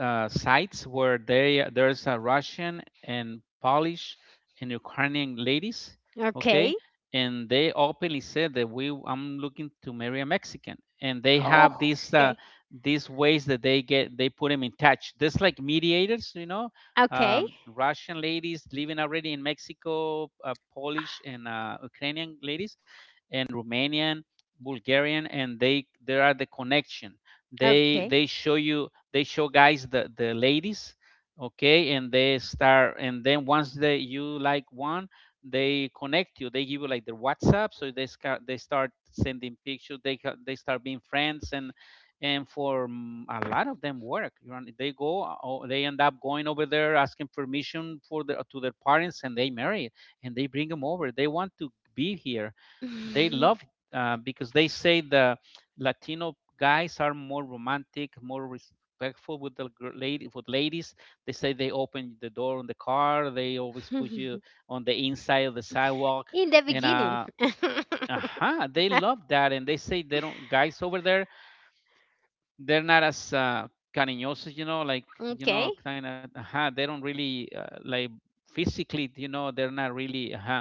[SPEAKER 2] uh, sites where there's a Russian and Polish and Ukrainian ladies, okay,
[SPEAKER 1] Okay.
[SPEAKER 2] and they openly said that we I'm looking to marry a Mexican, and they have
[SPEAKER 1] Oh, okay.
[SPEAKER 2] these ways that they get, they put them in touch. Just like mediators, you know,
[SPEAKER 1] Okay.
[SPEAKER 2] Russian ladies living already in Mexico, Polish and Ukrainian ladies, and Romanian, Bulgarian, and they there are the connection. They
[SPEAKER 1] Okay.
[SPEAKER 2] they show you, they show guys the ladies, okay, and they start. And then once they you like one, they connect you, they give you like their WhatsApp, so they start sending pictures, they start being friends. And for a lot of them work, you know, they go they end up going over there asking permission for the to their parents, and they marry and they bring them over. They want to be here. They
[SPEAKER 1] In
[SPEAKER 2] love, because they say the Latino guys are more romantic, more respectful with the lady with ladies. They say they open the door on the car. They always put you on the inside of the sidewalk,
[SPEAKER 1] the
[SPEAKER 2] and
[SPEAKER 1] beginning.
[SPEAKER 2] uh-huh, they love that. And they say they don't, guys over there they're not as cariñosos, you know, like, you know,
[SPEAKER 1] Okay,
[SPEAKER 2] kind of. They don't really like physically, you know, they're not really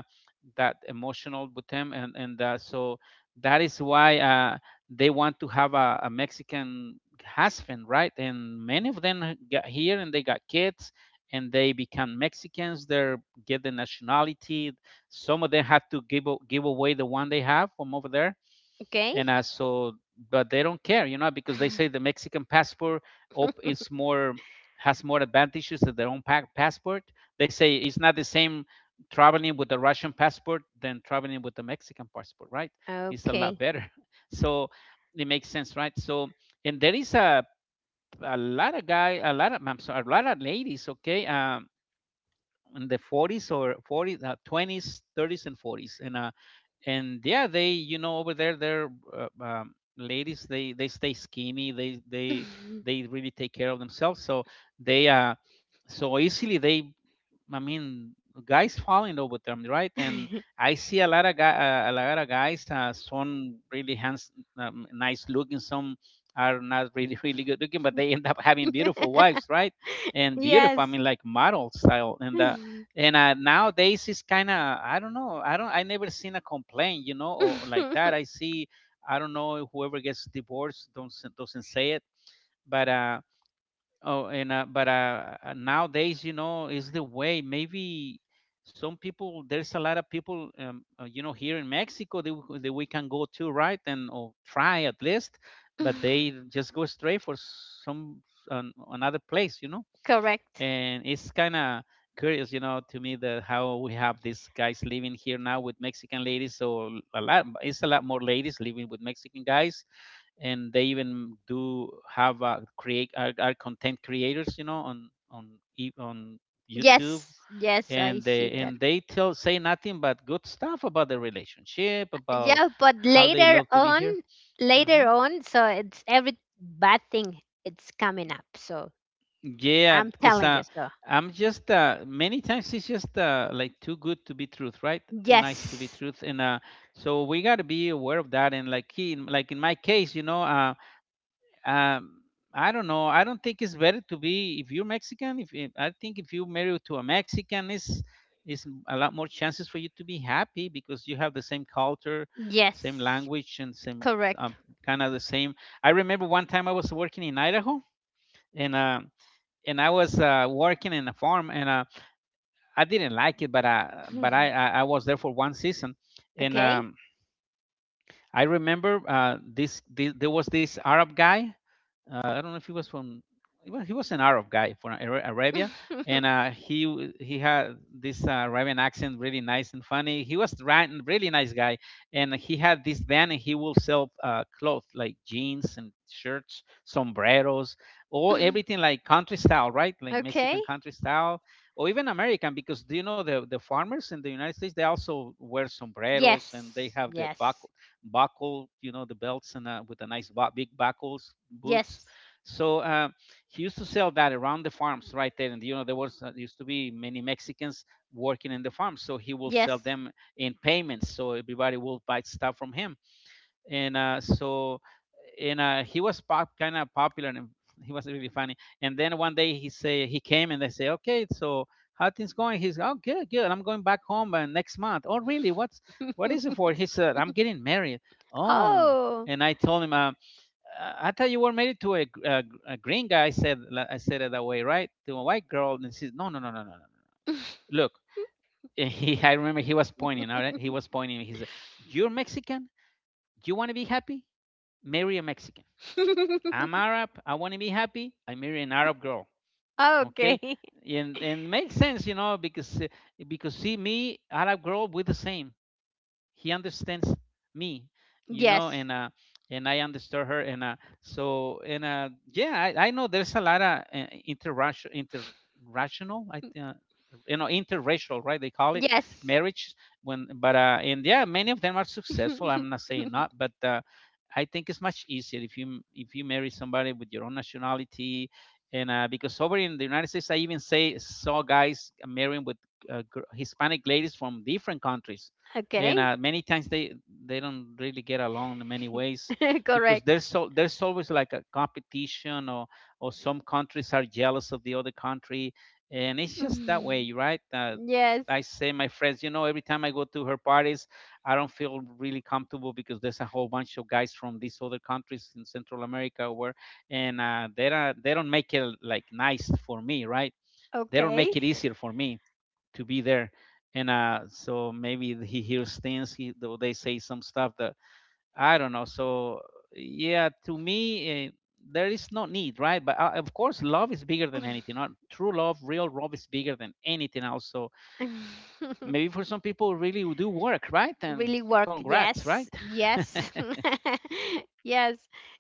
[SPEAKER 2] that emotional with them, and so that is why they want to have a Mexican husband, right? And many of them got here and they got kids and they become Mexicans. They get the nationality. Some of them had to give away the one they have from over there,
[SPEAKER 1] okay,
[SPEAKER 2] and so but they don't care, you know, because they say the Mexican passport is more, has more advantages than their own passport. They say it's not the same traveling with the Russian passport than traveling with the Mexican passport, right? It's a lot
[SPEAKER 1] okay.
[SPEAKER 2] better. So it makes sense, right? So and there is a lot of guy a lot of, I'm sorry, a lot of ladies, okay, in the 40s or 40s, 20s, 30s, and 40s. And and yeah, they, you know, over there they're ladies, they stay skinny, they they really take care of themselves. So they so easily they, I mean, guys fall in love with them, right? And I see a lot of guys. Some really hands, nice looking. Some are not really, really good looking, but they end up having beautiful wives, right? And beautiful, I
[SPEAKER 1] Yes.
[SPEAKER 2] mean, like model style. And nowadays it's kind of, I don't know, I never seen a complaint, you know, or like that. I see, I don't know, whoever gets divorced don't s- doesn't say it, but oh, and but nowadays, you know, is the way. Maybe some people, there's a lot of people, you know, here in Mexico that that we can go to, right? And or try at least, but they just go straight for some another place, you know.
[SPEAKER 1] Correct.
[SPEAKER 2] And it's kind of curious, you know, to me that how we have these guys living here now with Mexican ladies. So it's a lot more ladies living with Mexican guys. And they even do have a create are content creators, you know, on on YouTube.
[SPEAKER 1] Yes, yes, I
[SPEAKER 2] And
[SPEAKER 1] see that.
[SPEAKER 2] they tell, say nothing but good stuff about the relationship, about
[SPEAKER 1] Yeah, but
[SPEAKER 2] how they
[SPEAKER 1] later
[SPEAKER 2] love to be
[SPEAKER 1] on,
[SPEAKER 2] here.
[SPEAKER 1] later
[SPEAKER 2] Hmm.
[SPEAKER 1] on, so it's every bad thing it's coming up. So
[SPEAKER 2] Yeah,
[SPEAKER 1] I'm
[SPEAKER 2] because
[SPEAKER 1] telling you so.
[SPEAKER 2] I'm just many times it's just like too good to be truth, right, too nice to be
[SPEAKER 1] Yes.
[SPEAKER 2] truth. And so we got to be aware of that. And like in, like in my case, you know, Um, I don't know. I don't think it's better to be, if you're Mexican. If I think if you marry to a Mexican, is a lot more chances for you to be happy because you have the same culture, same
[SPEAKER 1] Yes.
[SPEAKER 2] language, and same
[SPEAKER 1] Correct.
[SPEAKER 2] um, kind of the same. I remember one time I was working in Idaho, and uh, and I was working in a farm, and I didn't like it, but I was there for one season, and
[SPEAKER 1] Okay.
[SPEAKER 2] I remember this there was this Arab guy, I don't know if he was from, he was an Arab guy from Arabia, and he had this Arabian accent, really nice and funny. He was really nice guy, and he had this van, and he will sell clothes like jeans and shirts, sombreros, or everything like country style, right? Like
[SPEAKER 1] Okay.
[SPEAKER 2] Mexican country style, or even American, because do you know the farmers in the United States they also wear sombreros and they
[SPEAKER 1] Yes.
[SPEAKER 2] have the buck
[SPEAKER 1] Yes.
[SPEAKER 2] buckle, you know, the belts and with a nice big buckles, boots.
[SPEAKER 1] Yes.
[SPEAKER 2] So uh, he used to sell that around the farms right there. And, you know, there was used to be many Mexicans working in the farms. So he will sell
[SPEAKER 1] Yes.
[SPEAKER 2] them in payments. So everybody will buy stuff from him and uh, so and he was pop kind of popular, and he was really funny. And then one day he say he came and they say, okay, so how things going? He's, oh, good, good, I'm going back home next month. Oh, really? What is it for? He said, I'm getting married. Oh.
[SPEAKER 1] Oh.
[SPEAKER 2] And I told him, I thought you were married to a green guy, I said. I said it that way, right? To a white girl. And she said, no, no, no, no, no, no, look. And he, I remember he was pointing. All right, he was pointing. He said, you're Mexican. Do you want to be happy? Marry a Mexican. I'm Arab. I want to be happy. I marry an Arab girl. Okay.
[SPEAKER 1] Okay.
[SPEAKER 2] And makes sense, you know, because see me, Arab girl, we're the same. He understands me, you know.
[SPEAKER 1] Yes.
[SPEAKER 2] And and I understand her. And yeah, I know there's a lot of interracial interrational I think, you know, interracial, right? They call it
[SPEAKER 1] Yes.
[SPEAKER 2] marriage. When but uh and yeah, many of them are successful. I'm not saying not, but I think it's much easier if you marry somebody with your own nationality. And because over in the United States I even say saw guys marrying with Hispanic ladies from different countries. and
[SPEAKER 1] Okay.
[SPEAKER 2] uh, many times they don't really get along in many ways, because
[SPEAKER 1] Correct.
[SPEAKER 2] there's always like a competition, or some countries are jealous of the other country, and it's just that
[SPEAKER 1] Mm.
[SPEAKER 2] way, right?
[SPEAKER 1] Yes.
[SPEAKER 2] I say my friends, you know, every time I go to her parties, I don't feel really comfortable, because there's a whole bunch of guys from these other countries in Central America where. And they don't, they don't make it like nice for me, right? They don't
[SPEAKER 1] Okay.
[SPEAKER 2] make it easier for me to be there. And maybe he hears things, he though they say some stuff that I don't know. So yeah, to me, eh, there is no need, right? But of course love is bigger than anything. Not true love, real love is bigger than anything else. So maybe for some people really do work, right? And
[SPEAKER 1] Really work,
[SPEAKER 2] congrats,
[SPEAKER 1] yes,
[SPEAKER 2] right?
[SPEAKER 1] yes. Yes,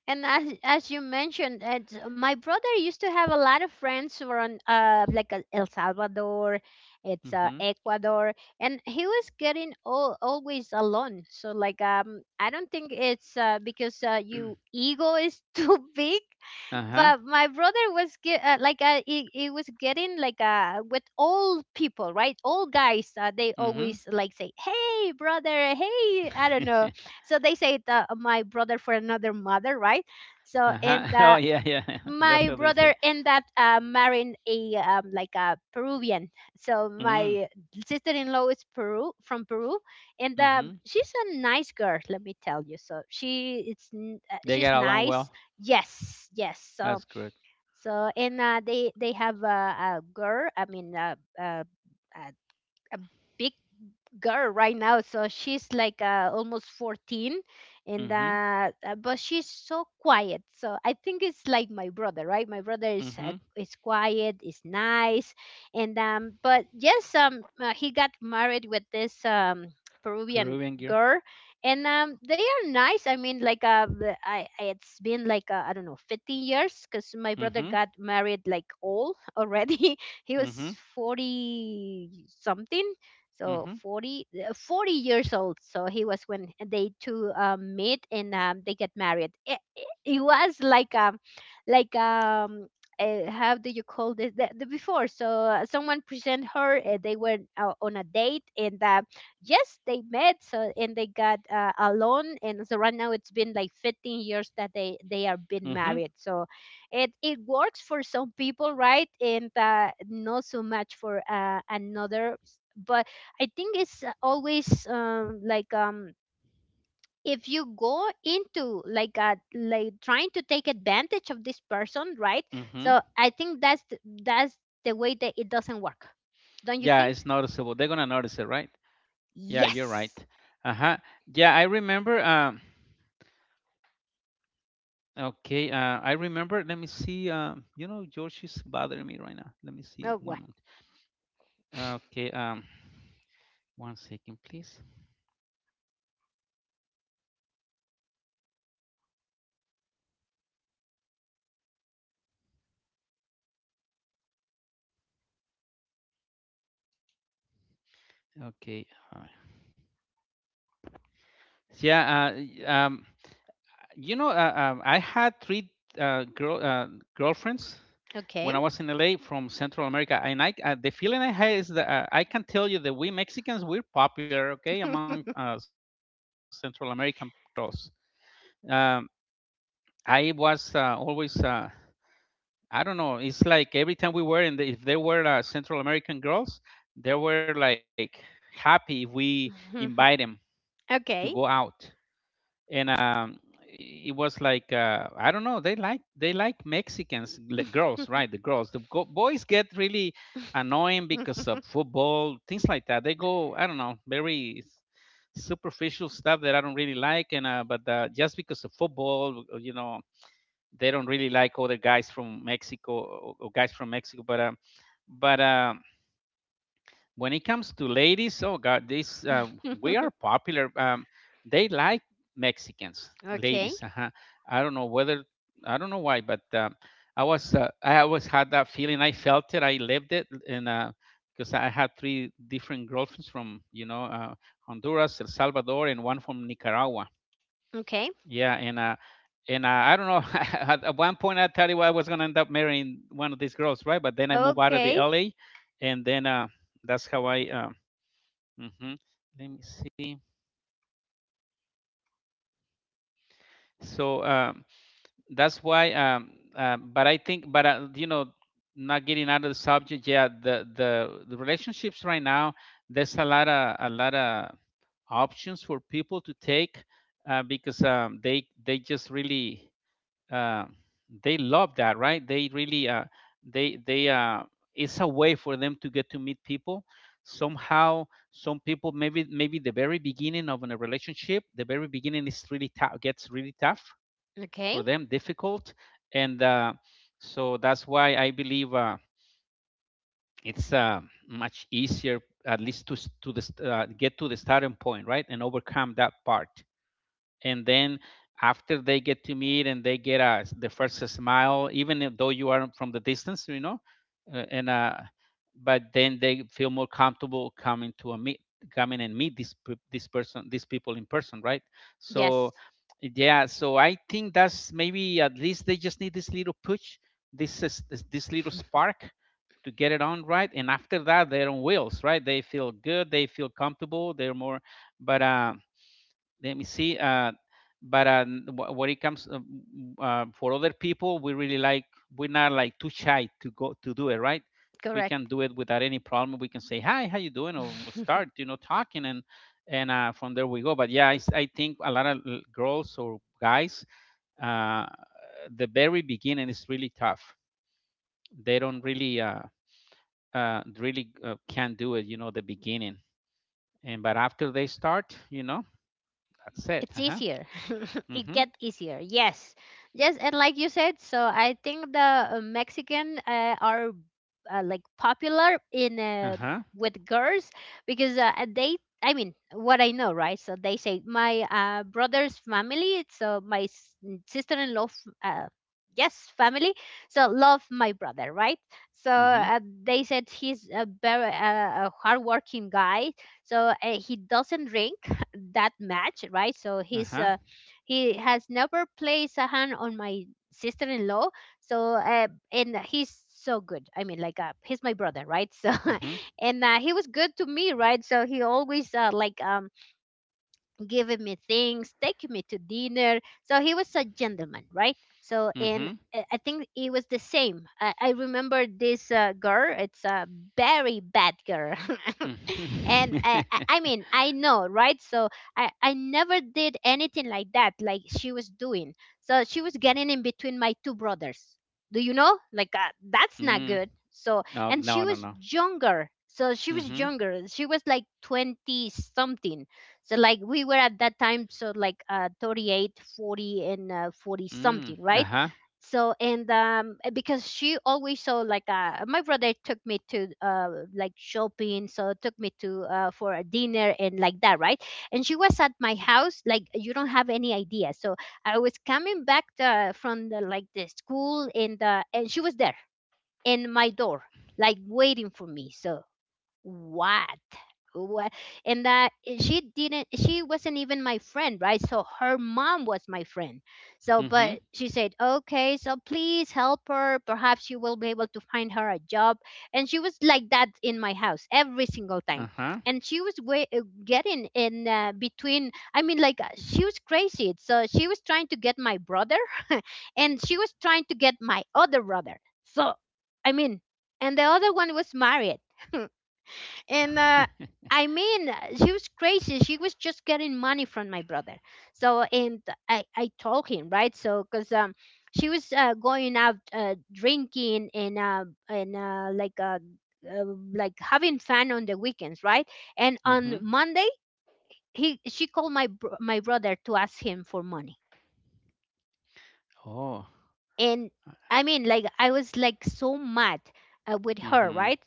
[SPEAKER 1] and as you mentioned it, my brother used to have a lot of friends who were on el salvador, it's
[SPEAKER 2] Mm-hmm.
[SPEAKER 1] ecuador, and he was getting always alone, so like I don't think it's because you ego is too big.
[SPEAKER 2] Uh-huh.
[SPEAKER 1] But my brother was get, like it he was getting like with old people, right? Old guys they
[SPEAKER 2] Mm-hmm.
[SPEAKER 1] always like say hey brother, hey, I don't know. So they say it, my brother for another mother, right? So
[SPEAKER 2] Uh-huh.
[SPEAKER 1] and
[SPEAKER 2] Oh,
[SPEAKER 1] uh,
[SPEAKER 2] yeah, yeah. That's
[SPEAKER 1] my
[SPEAKER 2] what they say.
[SPEAKER 1] brother ended up marrying a like a peruvian. So
[SPEAKER 2] Mm-hmm.
[SPEAKER 1] my sister-in-law is peru from peru, and
[SPEAKER 2] Mm-hmm.
[SPEAKER 1] she's a nice girl, let me tell you. So she it's
[SPEAKER 2] They
[SPEAKER 1] she's
[SPEAKER 2] get along
[SPEAKER 1] nice.
[SPEAKER 2] well.
[SPEAKER 1] Yes, yes. So
[SPEAKER 2] That's good.
[SPEAKER 1] so and they have a girl. I mean, a, a big girl right now. So she's like almost 14. And
[SPEAKER 2] Mm-hmm.
[SPEAKER 1] but she's so quiet. So I think it's like my brother, right? My brother
[SPEAKER 2] Mm-hmm.
[SPEAKER 1] is quiet, is nice. And um but yes um uh, he got married with this Peruvian
[SPEAKER 2] Peruvian gear.
[SPEAKER 1] girl. And They are nice. I mean, like it's been like, I don't know, 15 years, because my brother
[SPEAKER 2] Mm-hmm.
[SPEAKER 1] got married like old already. He was
[SPEAKER 2] Mm-hmm.
[SPEAKER 1] 40 something. So
[SPEAKER 2] Mm-hmm.
[SPEAKER 1] 40, 40 years old. So he was, when they two met. And they get married. It was like, like um how do you call this, the before? So someone present her, they were on a date. And yes, they met. So and they got alone. And so right now it's been like 15 years that they are been
[SPEAKER 2] Mm-hmm.
[SPEAKER 1] married. So it works for some people, right? And not so much for another. But I think it's always, if you go into like a, like trying to take advantage of this person, right?
[SPEAKER 2] Mm-hmm.
[SPEAKER 1] So I think that's that's the way that it doesn't work. Don't you
[SPEAKER 2] Yeah,
[SPEAKER 1] think?
[SPEAKER 2] it's noticeable. They're gonna notice it, right? Yeah, you're right.
[SPEAKER 1] Yes.
[SPEAKER 2] Uh-huh. Yeah, I remember. Okay. I remember. Let me see. You know, George is bothering me right now. Let me
[SPEAKER 1] Oh,
[SPEAKER 2] see.
[SPEAKER 1] what?
[SPEAKER 2] One moment. Okay. One second, please. Okay. Uh, yeah. You know, I had three uh, girl uh, girlfriends
[SPEAKER 1] Okay.
[SPEAKER 2] when I was in LA, from Central America, and I the feeling I had is that I can tell you that we Mexicans we're popular, okay, among Central American girls. Um, I was always I don't know, it's like every time we were in the, if there were Central American girls, they were like happy if we invite them to
[SPEAKER 1] Okay.
[SPEAKER 2] go out. And it was like I don't know, they like, Mexicans, girls, right? The girls, the boys get really annoying because of football, things like that. They go, I don't know, very superficial stuff that I don't really like. And uh but uh, just because of football, you know, they don't really like other guys from Mexico, or guys from Mexico. But when it comes to ladies, oh God, this we are popular. They like Mexicans,
[SPEAKER 1] Okay.
[SPEAKER 2] ladies. Uh-huh. I don't know whether I don't know why, but I was I always had that feeling. I felt it. I lived it, and because I had three different girlfriends from, you know, Honduras, El Salvador, and one from Nicaragua.
[SPEAKER 1] Okay.
[SPEAKER 2] Yeah, and I don't know. At one point, I tell you, I was gonna end up marrying one of these girls, right? But then I moved out of
[SPEAKER 1] Okay.
[SPEAKER 2] the LA, and then that's how I. Hmm Let me see. So um, that's why. But I think, but you know, not getting out of the subject. Yeah, the relationships right now. There's a lot of options for people to take, because they just really, uh, they love that, right? they really they It's a way for them to get to meet people somehow. Some people, maybe the very beginning of a relationship, the very beginning is really tough, gets really tough
[SPEAKER 1] Okay.
[SPEAKER 2] for them, difficult. And so that's why I believe, it's much easier, at least to to the get to the starting point, right, and overcome that part. And then after they get to meet and they get a, the first smile, even though you are from the distance, you know. And But then they feel more comfortable coming to a meet, coming and meet this person, these people in person, right? So
[SPEAKER 1] Yes.
[SPEAKER 2] yeah, so I think that's maybe, at least they just need this little push, this is this this little spark to get it on, right? And after that they're on wheels, right? They feel good, they feel comfortable, they're more. But Let me see. But When it comes, for other people, we really like, we're not like too shy to go to do it, right? We can
[SPEAKER 1] Correct.
[SPEAKER 2] do it without any problem. We can say hi, how you doing, or we'll start, you know, talking, and from there we go. But yeah, I think a lot of girls or guys, uh, the very beginning is really tough. They don't really, can't do it, you know, the beginning. And but after they start, you know, that's it.
[SPEAKER 1] It's
[SPEAKER 2] Uh huh.
[SPEAKER 1] easier. It
[SPEAKER 2] Mm-hmm.
[SPEAKER 1] get easier. Yes. Yes. And like you said, so I think the Mexican are like popular in,
[SPEAKER 2] Uh-huh.
[SPEAKER 1] with girls, because they, I mean, what I know, right? So they say my brother's family. So my sister-in-law yes, family, so love my brother, right? So
[SPEAKER 2] Mhm.
[SPEAKER 1] they said he's a very a hardworking guy. So he doesn't drink that match, right? So he's
[SPEAKER 2] Uh-huh.
[SPEAKER 1] he has never placed a hand on my sister-in-law. So and he's so good. I mean, like he's my brother, right? So
[SPEAKER 2] Mhm.
[SPEAKER 1] and he was good to me, right? So he always like giving me things, taking me to dinner. So he was a gentleman, right? So and
[SPEAKER 2] Mhm.
[SPEAKER 1] I think it was the same. I remember this girl. It's a very bad girl. And
[SPEAKER 2] Mhm.
[SPEAKER 1] I mean, I know, right? So I never did anything like that, like she was doing. So she was getting in between my two brothers. Do you know, like, that's not
[SPEAKER 2] Mm.
[SPEAKER 1] good. So
[SPEAKER 2] No,
[SPEAKER 1] and she
[SPEAKER 2] no, no,
[SPEAKER 1] was
[SPEAKER 2] no.
[SPEAKER 1] younger.
[SPEAKER 2] Mhm.
[SPEAKER 1] She was like 20 something. So like we were at that time, so like 38, 40, and 40
[SPEAKER 2] Mm.
[SPEAKER 1] something, right?
[SPEAKER 2] Uh-huh.
[SPEAKER 1] So and because she always saw like my brother took me to like shopping, so took me to for a dinner and like that, right? And she was at my house, like, you don't have any idea. So I was coming back from the, like, the school. And she was there, in my door, like, waiting for me. So what? Wha- And that, she didn't, she wasn't even my friend, right? So her mom was my friend. So,
[SPEAKER 2] Mhm.
[SPEAKER 1] but she said, okay, so please help her, perhaps you will be able to find her a job. And she was like that in my house every single time.
[SPEAKER 2] Uh-huh.
[SPEAKER 1] And she was way, getting in, between, I mean, like, she was crazy, so she was trying to get my brother. And she was trying to get my other brother. So, I mean, and the other one was married. And I mean, she was crazy. She was just getting money from my brother. So, and I told him, right? So, because she was going out, drinking. And uh, and uh, like uh, uh, like having fun on the weekends, right? And
[SPEAKER 2] Mhm.
[SPEAKER 1] on Monday, he she called my brother to ask him for money.
[SPEAKER 2] Oh.
[SPEAKER 1] And
[SPEAKER 2] uh,
[SPEAKER 1] I mean, like, I was like so mad with her,
[SPEAKER 2] Mhm.
[SPEAKER 1] right?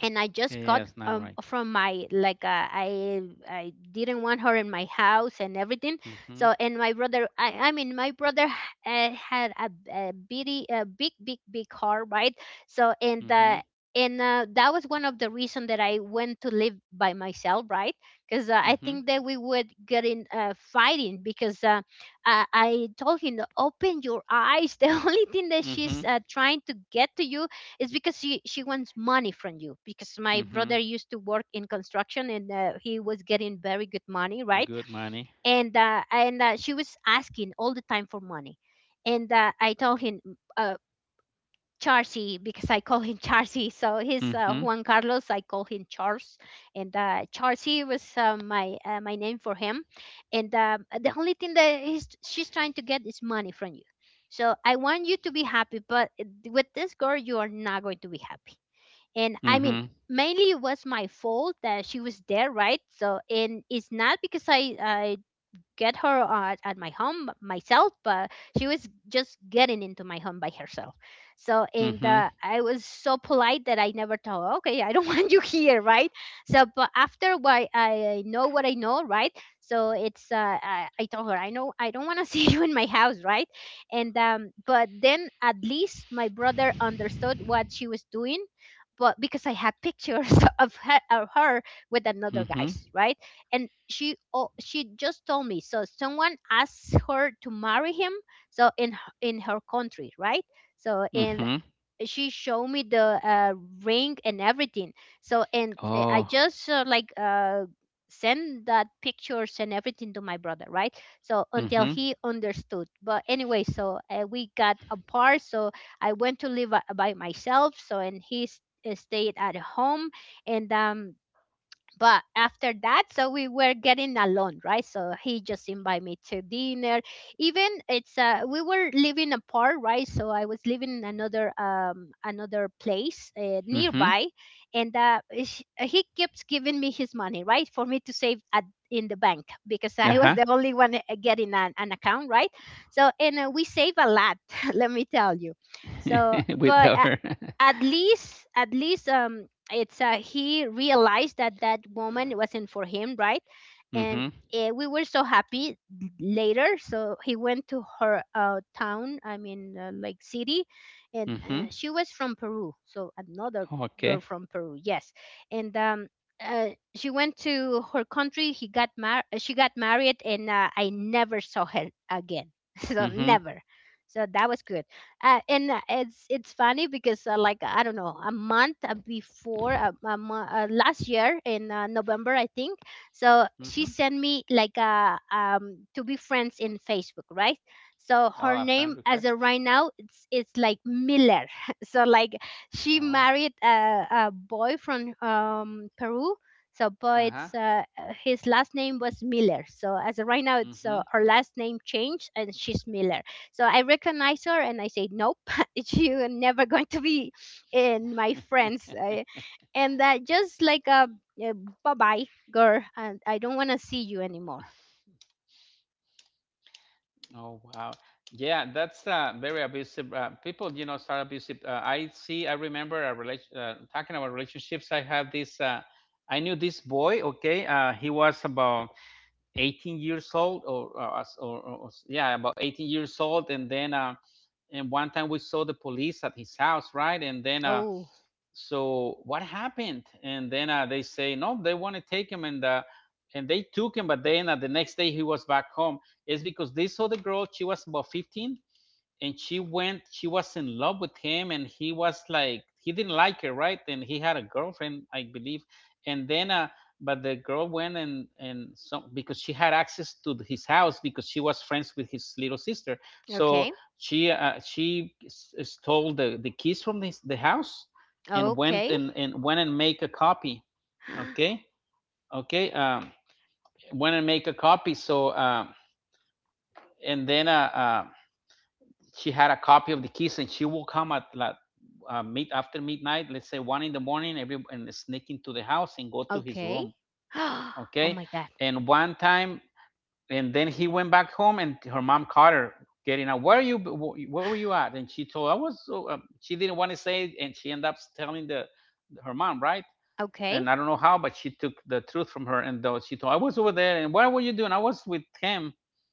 [SPEAKER 1] And I just
[SPEAKER 2] Yeah,
[SPEAKER 1] got
[SPEAKER 2] it's not right.
[SPEAKER 1] from my, like, I didn't want her in my house and everything.
[SPEAKER 2] Mhm.
[SPEAKER 1] So, and my brother, I mean, my brother had a bitty a big big big car, right? So, and
[SPEAKER 2] Mhm.
[SPEAKER 1] that was one of the reason that I went to live by myself, right? Because I
[SPEAKER 2] Mhm.
[SPEAKER 1] think that we would get in fighting, because I told him, open your eyes. The only thing that she's
[SPEAKER 2] Mhm.
[SPEAKER 1] trying to get to you, it's because she wants money from you, because my
[SPEAKER 2] Mhm.
[SPEAKER 1] brother used to work in construction. And he was getting very good money, right?
[SPEAKER 2] Good money.
[SPEAKER 1] And she was asking all the time for money. And I told him, uh, Charcy, because I call him Charcy. So he's
[SPEAKER 2] Mhm.
[SPEAKER 1] Juan Carlos, I call him Charles. And Charcy was my name for him. And the only thing that she's trying to get is money from you. So I want you to be happy, but with this girl you are not going to be happy. And I mean,
[SPEAKER 2] Mhm.
[SPEAKER 1] mainly it was my fault that she was there, right? So, and it's not because I get her at my home myself, but she was just getting into my home by herself. So, and
[SPEAKER 2] Mhm.
[SPEAKER 1] I was so polite that I never told her, okay, I don't want you here, right? So, but after why I know what I know, right? So it's I told her, I know I don't want to see you in my house, right? And but then at least my brother understood what she was doing, but because I had pictures of her, with another
[SPEAKER 2] Mhm.
[SPEAKER 1] guys, right? And she, oh, she just told me, so someone asked her to marry him, so in in her country, right? So and
[SPEAKER 2] Mhm.
[SPEAKER 1] she showed me the uh, ring and everything. So and I
[SPEAKER 2] Oh.
[SPEAKER 1] just send that pictures and everything to my brother, right? So, until
[SPEAKER 2] Mhm.
[SPEAKER 1] he understood. But anyway, so we got apart. So I went to live by myself. So, and he stayed at home. And but after that, so we were getting alone, right? So he just invited me to dinner, even it's we were living apart, right? So I was living in another place,
[SPEAKER 2] Mhm.
[SPEAKER 1] nearby. And he keeps giving me his money, right? For me to save at in the bank, because I was
[SPEAKER 2] Uh-huh.
[SPEAKER 1] the only one getting an account, right? So, and we save a lot. Let me tell you. So
[SPEAKER 2] With
[SPEAKER 1] but
[SPEAKER 2] her.
[SPEAKER 1] at least, it's he realized that that woman wasn't for him, right? And
[SPEAKER 2] Mhm.
[SPEAKER 1] we were so happy later. So he went to her town, I mean, like, city. And
[SPEAKER 2] Mhm.
[SPEAKER 1] she was from Peru, so another girl
[SPEAKER 2] Okay.
[SPEAKER 1] from Peru, yes. And uh, she went to her country. She got married. And I never saw her again. So
[SPEAKER 2] Mhm.
[SPEAKER 1] never. So that was good. And it's funny, because like, I don't know, a month last year in, November, I think. So
[SPEAKER 2] Mm-hmm.
[SPEAKER 1] she sent me like a to be friends in Facebook, right? So
[SPEAKER 2] Oh, a
[SPEAKER 1] her
[SPEAKER 2] friend
[SPEAKER 1] name
[SPEAKER 2] request.
[SPEAKER 1] as of right now, it's like Miller. So like she
[SPEAKER 2] Oh,
[SPEAKER 1] married a boy from, Peru. So but
[SPEAKER 2] uh-huh.
[SPEAKER 1] it's his last name was Miller. So as of right now,
[SPEAKER 2] Mm-hmm.
[SPEAKER 1] it's her last name changed, and she's Miller. So I recognize her, and I say, nope. You're never going to be in my friends. I, and that just like a bye bye, girl. And I don't want to see you anymore.
[SPEAKER 2] Oh, wow. Yeah, that's very abusive. People, you know, start abusive. I see, I remember a relation, talking about relationships. I have this, I knew this boy, okay? He was about 18 years old, or yeah, about 18 years old. And then uh, and one time we saw the police at his house, right? And then uh,
[SPEAKER 1] Oh,
[SPEAKER 2] so what happened? And then uh, they say, no, they want to take him. And and they took him, but then the next day he was back home. It's because they saw the girl, she was about 15, and she went, she was in love with him, and he was like, he didn't like her, right? And he had a girlfriend, I believe. And then uh but the girl went, and so because she had access to his house, because she was friends with his little sister. So
[SPEAKER 1] okay.
[SPEAKER 2] she stole the keys from this the house, and went
[SPEAKER 1] Okay.
[SPEAKER 2] and went and make a copy. Okay. Okay. Went and make a copy. So and then She had a copy of the keys, and she will come at like, mid after midnight, let's say one in the morning, every, and sneak into the house and go to his
[SPEAKER 1] Okay.
[SPEAKER 2] room.
[SPEAKER 1] Oh
[SPEAKER 2] Okay.
[SPEAKER 1] my God.
[SPEAKER 2] And one time, and then he went back home and her mom caught her getting out. Where are you? Where were you at? And she told, I was, so, she didn't want to say it, and she ended up telling the her mom, right? And
[SPEAKER 1] Okay.
[SPEAKER 2] I don't know how, but she took the truth from her, and though she told, I was over there. And what were you doing? I was with him.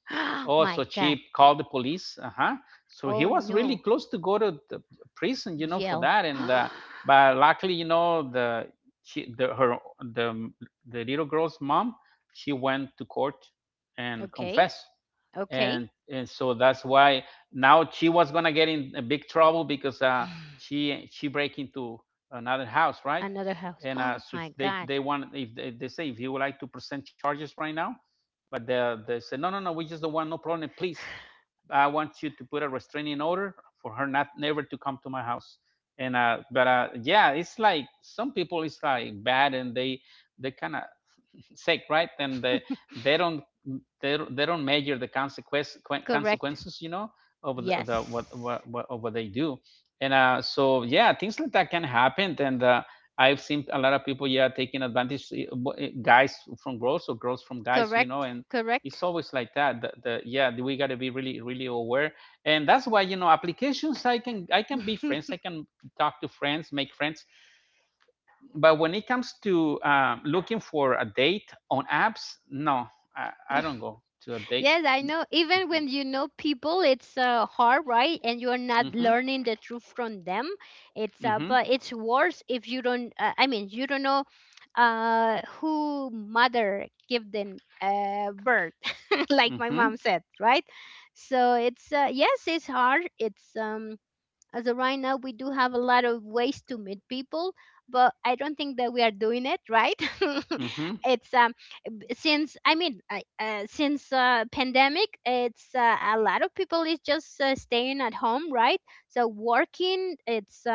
[SPEAKER 2] Oh, so
[SPEAKER 1] my
[SPEAKER 2] she
[SPEAKER 1] God.
[SPEAKER 2] called the police. Uh huh. So he
[SPEAKER 1] Oh
[SPEAKER 2] was really
[SPEAKER 1] no.
[SPEAKER 2] close to go to the prison, you know, for
[SPEAKER 1] Yell.
[SPEAKER 2] that. And But luckily, you know, the she, the her the the little girl's mom, she went to court and
[SPEAKER 1] Okay.
[SPEAKER 2] confessed.
[SPEAKER 1] Okay.
[SPEAKER 2] And and so that's why now she was gonna get in a big trouble because she break into another house, right?
[SPEAKER 1] Another house.
[SPEAKER 2] And uh,
[SPEAKER 1] Oh
[SPEAKER 2] so
[SPEAKER 1] my
[SPEAKER 2] they
[SPEAKER 1] God.
[SPEAKER 2] they want if they say, if you would like to present charges right now. But they said, no, no, no, we just don't want no problem. And please, I want you to put a restraining order for her not never to come to my house. And but Yeah, it's like some people it's like bad, and they kind of sake, right? And they they don't, they don't measure the consequence
[SPEAKER 1] Correct.
[SPEAKER 2] consequences, you know, of the
[SPEAKER 1] Yes.
[SPEAKER 2] what of what they do. And so yeah, things like that can happen. And I've seen a lot of people, yeah, taking advantage, guys from girls or girls from guys, you know,
[SPEAKER 1] Correct,
[SPEAKER 2] and it's
[SPEAKER 1] correct.
[SPEAKER 2] always like that. The Yeah, we got to be really, really aware. And that's why, you know, applications, I can be friends, I can talk to friends, make friends, but when it comes to looking for a date on apps, no, I don't go to a date.
[SPEAKER 1] Yes, I know. Even when you know people, it's hard, right? And you're not
[SPEAKER 2] Mm-hmm.
[SPEAKER 1] learning the truth from them. It's
[SPEAKER 2] Mm-hmm.
[SPEAKER 1] but it's worse if you don't. I mean, you don't know who mother give them birth, like my
[SPEAKER 2] Mm-hmm.
[SPEAKER 1] mom said, right? So it's yes, it's hard. It's as of right now, we do have a lot of ways to meet people, but I don't think that we are doing it right.
[SPEAKER 2] Mm-hmm.
[SPEAKER 1] It's since, I mean, since pandemic, it's a lot of people is just staying at home, right? So working, it's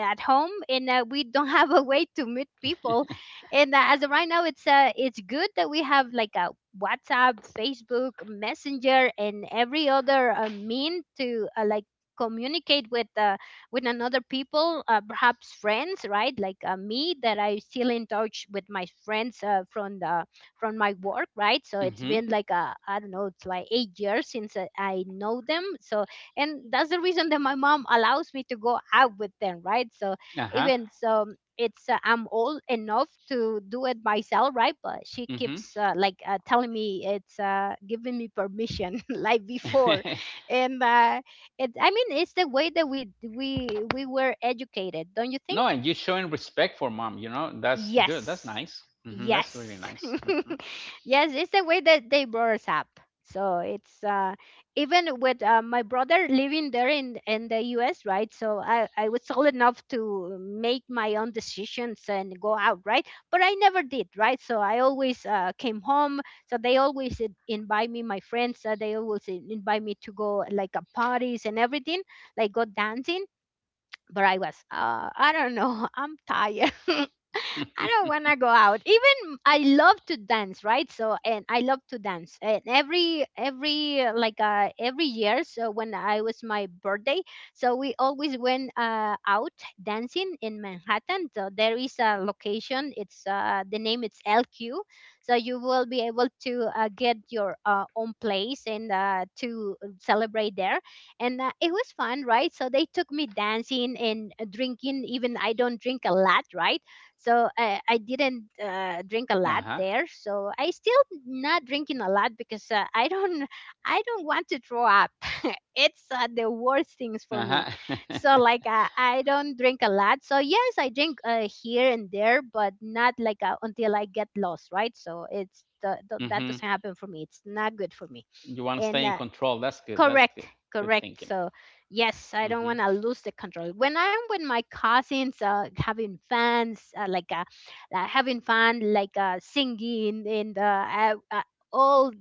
[SPEAKER 1] at home, and we don't have a way to meet people. And as of right now, it's good that we have like a WhatsApp, Facebook, Messenger, and every other mean to like communicate with, with another people, perhaps friends, right? Like me, that I still in touch with my friends, from my work, right? So
[SPEAKER 2] Mm-hmm.
[SPEAKER 1] it's
[SPEAKER 2] Mm-hmm.
[SPEAKER 1] been like a, I don't know, it's like 8 years since I know them. And that's the reason that my mom allows me to go out with them, right? So
[SPEAKER 2] Uh-huh.
[SPEAKER 1] even so it's I'm old enough to do it myself, right? But she
[SPEAKER 2] Mm-hmm.
[SPEAKER 1] keeps telling me it's giving me permission like before. And uh, it, i mean it's the way that we were educated, don't you think?
[SPEAKER 2] No, and you showing respect for mom, you know, that's good. That's
[SPEAKER 1] Yes.
[SPEAKER 2] nice. Mm-hmm. That's really
[SPEAKER 1] Yes.
[SPEAKER 2] nice.
[SPEAKER 1] Yes, it's the way that they brought us up. So it's even with my brother living there in the US, right? So I was old enough to make my own decisions and go out, right? But I never did, right? So I always came home. So they always invite me, my friends, they always invite me to go like parties and everything, like go dancing, but I was, I don't know, I'm tired. I don't
[SPEAKER 2] Mm-hmm.
[SPEAKER 1] want to go out. Even I love to dance, right? So and I love to dance. And every year, so when I was my birthday, so we always went out dancing in Manhattan. So there is a location. It's the name it's LQ. So you will be able to get your own place and to celebrate there, and it was fun, right? So they took me dancing and drinking, even I don't drink a lot, right? So I didn't
[SPEAKER 2] Uh-huh.
[SPEAKER 1] drink a lot there, so I still not drinking a lot because I don't want to throw up. It's the worst
[SPEAKER 2] Uh-huh.
[SPEAKER 1] things for me. So I don't drink a lot. So yes, I drink here and there, but not until I get lost, right? So it's
[SPEAKER 2] Mm-hmm.
[SPEAKER 1] that doesn't happen for me. It's not good for
[SPEAKER 2] You
[SPEAKER 1] me.
[SPEAKER 2] want to stay in
[SPEAKER 1] And
[SPEAKER 2] control. That's good. That's good.
[SPEAKER 1] Correct,
[SPEAKER 2] Good thinking.
[SPEAKER 1] correct. So, yes,
[SPEAKER 2] Mm-hmm.
[SPEAKER 1] I don't want to lose the control. When I'm with my cousins, having fans, having fun, like singing, and all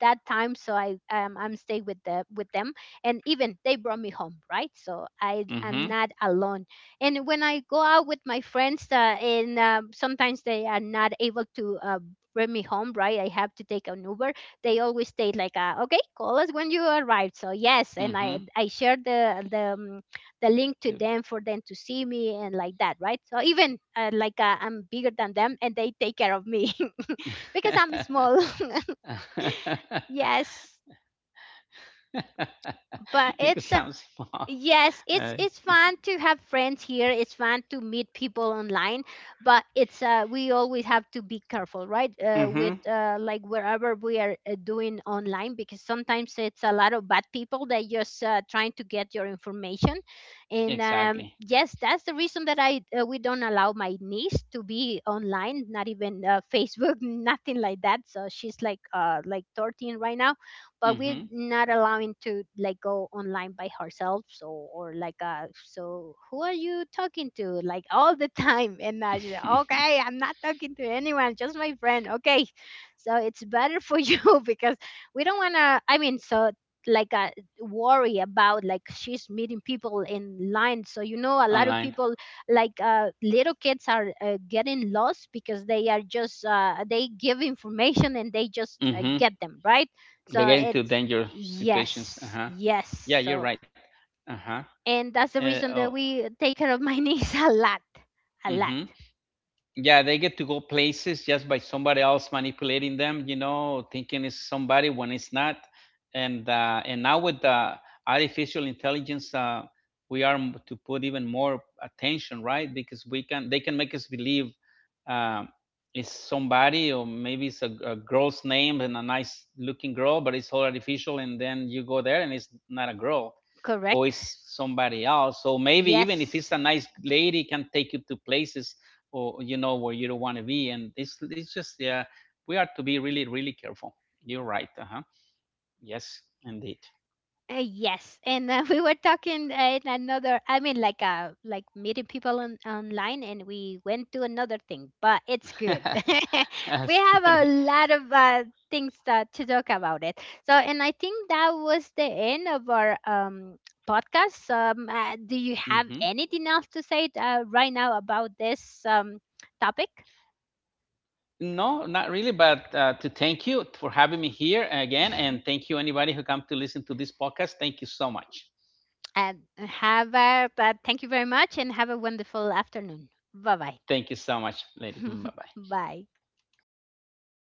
[SPEAKER 1] that time. So I'm stay with the with them, and even they brought me home, right? So I am not alone. And when I go out with my friends, and sometimes they are not able to bring me home, right? I have to take an Uber. They always state like okay, call us when you arrive. So yes, and
[SPEAKER 2] Mm-hmm.
[SPEAKER 1] I shared the link to them for them to see me and like that, right? So even I'm bigger than them and they take care of me. Because I'm small.
[SPEAKER 2] Mm-hmm.
[SPEAKER 1] Yes. But
[SPEAKER 2] It
[SPEAKER 1] it's…
[SPEAKER 2] sounds fun.
[SPEAKER 1] Yes,
[SPEAKER 2] Uh,
[SPEAKER 1] it's fun to have friends here. It's fun to meet people online, but it's we always have to be careful, right? Uh,
[SPEAKER 2] mm-hmm.
[SPEAKER 1] with uh, like wherever we are doing online, because sometimes it's a lot of bad people that just trying to get your information. And
[SPEAKER 2] Exactly.
[SPEAKER 1] Yes, that's the reason that I we don't allow my niece to be online, not even Facebook, nothing like that. So she's like 13 right now, but we're not allowing to like go online by ourselves, or like so who are you talking to like all the time? And I just,
[SPEAKER 2] Mm-hmm.
[SPEAKER 1] okay, I'm not talking to anyone, just my friend, okay? So it's better for you, because we don't want to, I mean, so like uh, worry about like she's meeting people in line. So you know, a lot of
[SPEAKER 2] Online.
[SPEAKER 1] people, little kids are getting lost because they are just they give information and they just
[SPEAKER 2] Mm-hmm.
[SPEAKER 1] get them, right?
[SPEAKER 2] They
[SPEAKER 1] So
[SPEAKER 2] get into
[SPEAKER 1] it's…
[SPEAKER 2] dangerous situations.
[SPEAKER 1] Yes,
[SPEAKER 2] Uh-huh. Yeah,
[SPEAKER 1] yes.
[SPEAKER 2] you're
[SPEAKER 1] So
[SPEAKER 2] right. Uh-huh.
[SPEAKER 1] and that's the
[SPEAKER 2] Oh.
[SPEAKER 1] reason that we take care of my niece a lot, a
[SPEAKER 2] Mm-hmm.
[SPEAKER 1] lot.
[SPEAKER 2] Yeah, they get to go places just by somebody else manipulating them, you know, thinking it's somebody when it's not. And now with the artificial intelligence, we are to put even more attention, right? Because we can, they can make us believe, um, it's somebody, or maybe it's a girl's name and a nice looking girl, but it's all artificial. And then you go there and it's not a girl, or
[SPEAKER 1] Correct?
[SPEAKER 2] it's somebody else. So maybe even if it's
[SPEAKER 1] Yes.
[SPEAKER 2] a nice lady, can take you to places, or you know, where you don't want to be, and it's just, yeah, we are to be really, really careful. You're right. Uh-huh. Yes, indeed.
[SPEAKER 1] Yes, and we were talking in another, I mean, like meeting people on online, and we went to another thing. But it's good.
[SPEAKER 2] That's
[SPEAKER 1] We have
[SPEAKER 2] good.
[SPEAKER 1] a lot of things to talk about it. So, and I think that was the end of our podcast. Do
[SPEAKER 2] Hmm.
[SPEAKER 1] you have anything else to say right now about this topic?
[SPEAKER 2] No, not really, but to thank you for having me here again, and thank you anybody who come to listen to this podcast. Thank you so much.
[SPEAKER 1] And have a, thank you very much, and have a wonderful afternoon. Bye bye.
[SPEAKER 2] Thank you so much, lady. Bye bye.
[SPEAKER 1] Bye.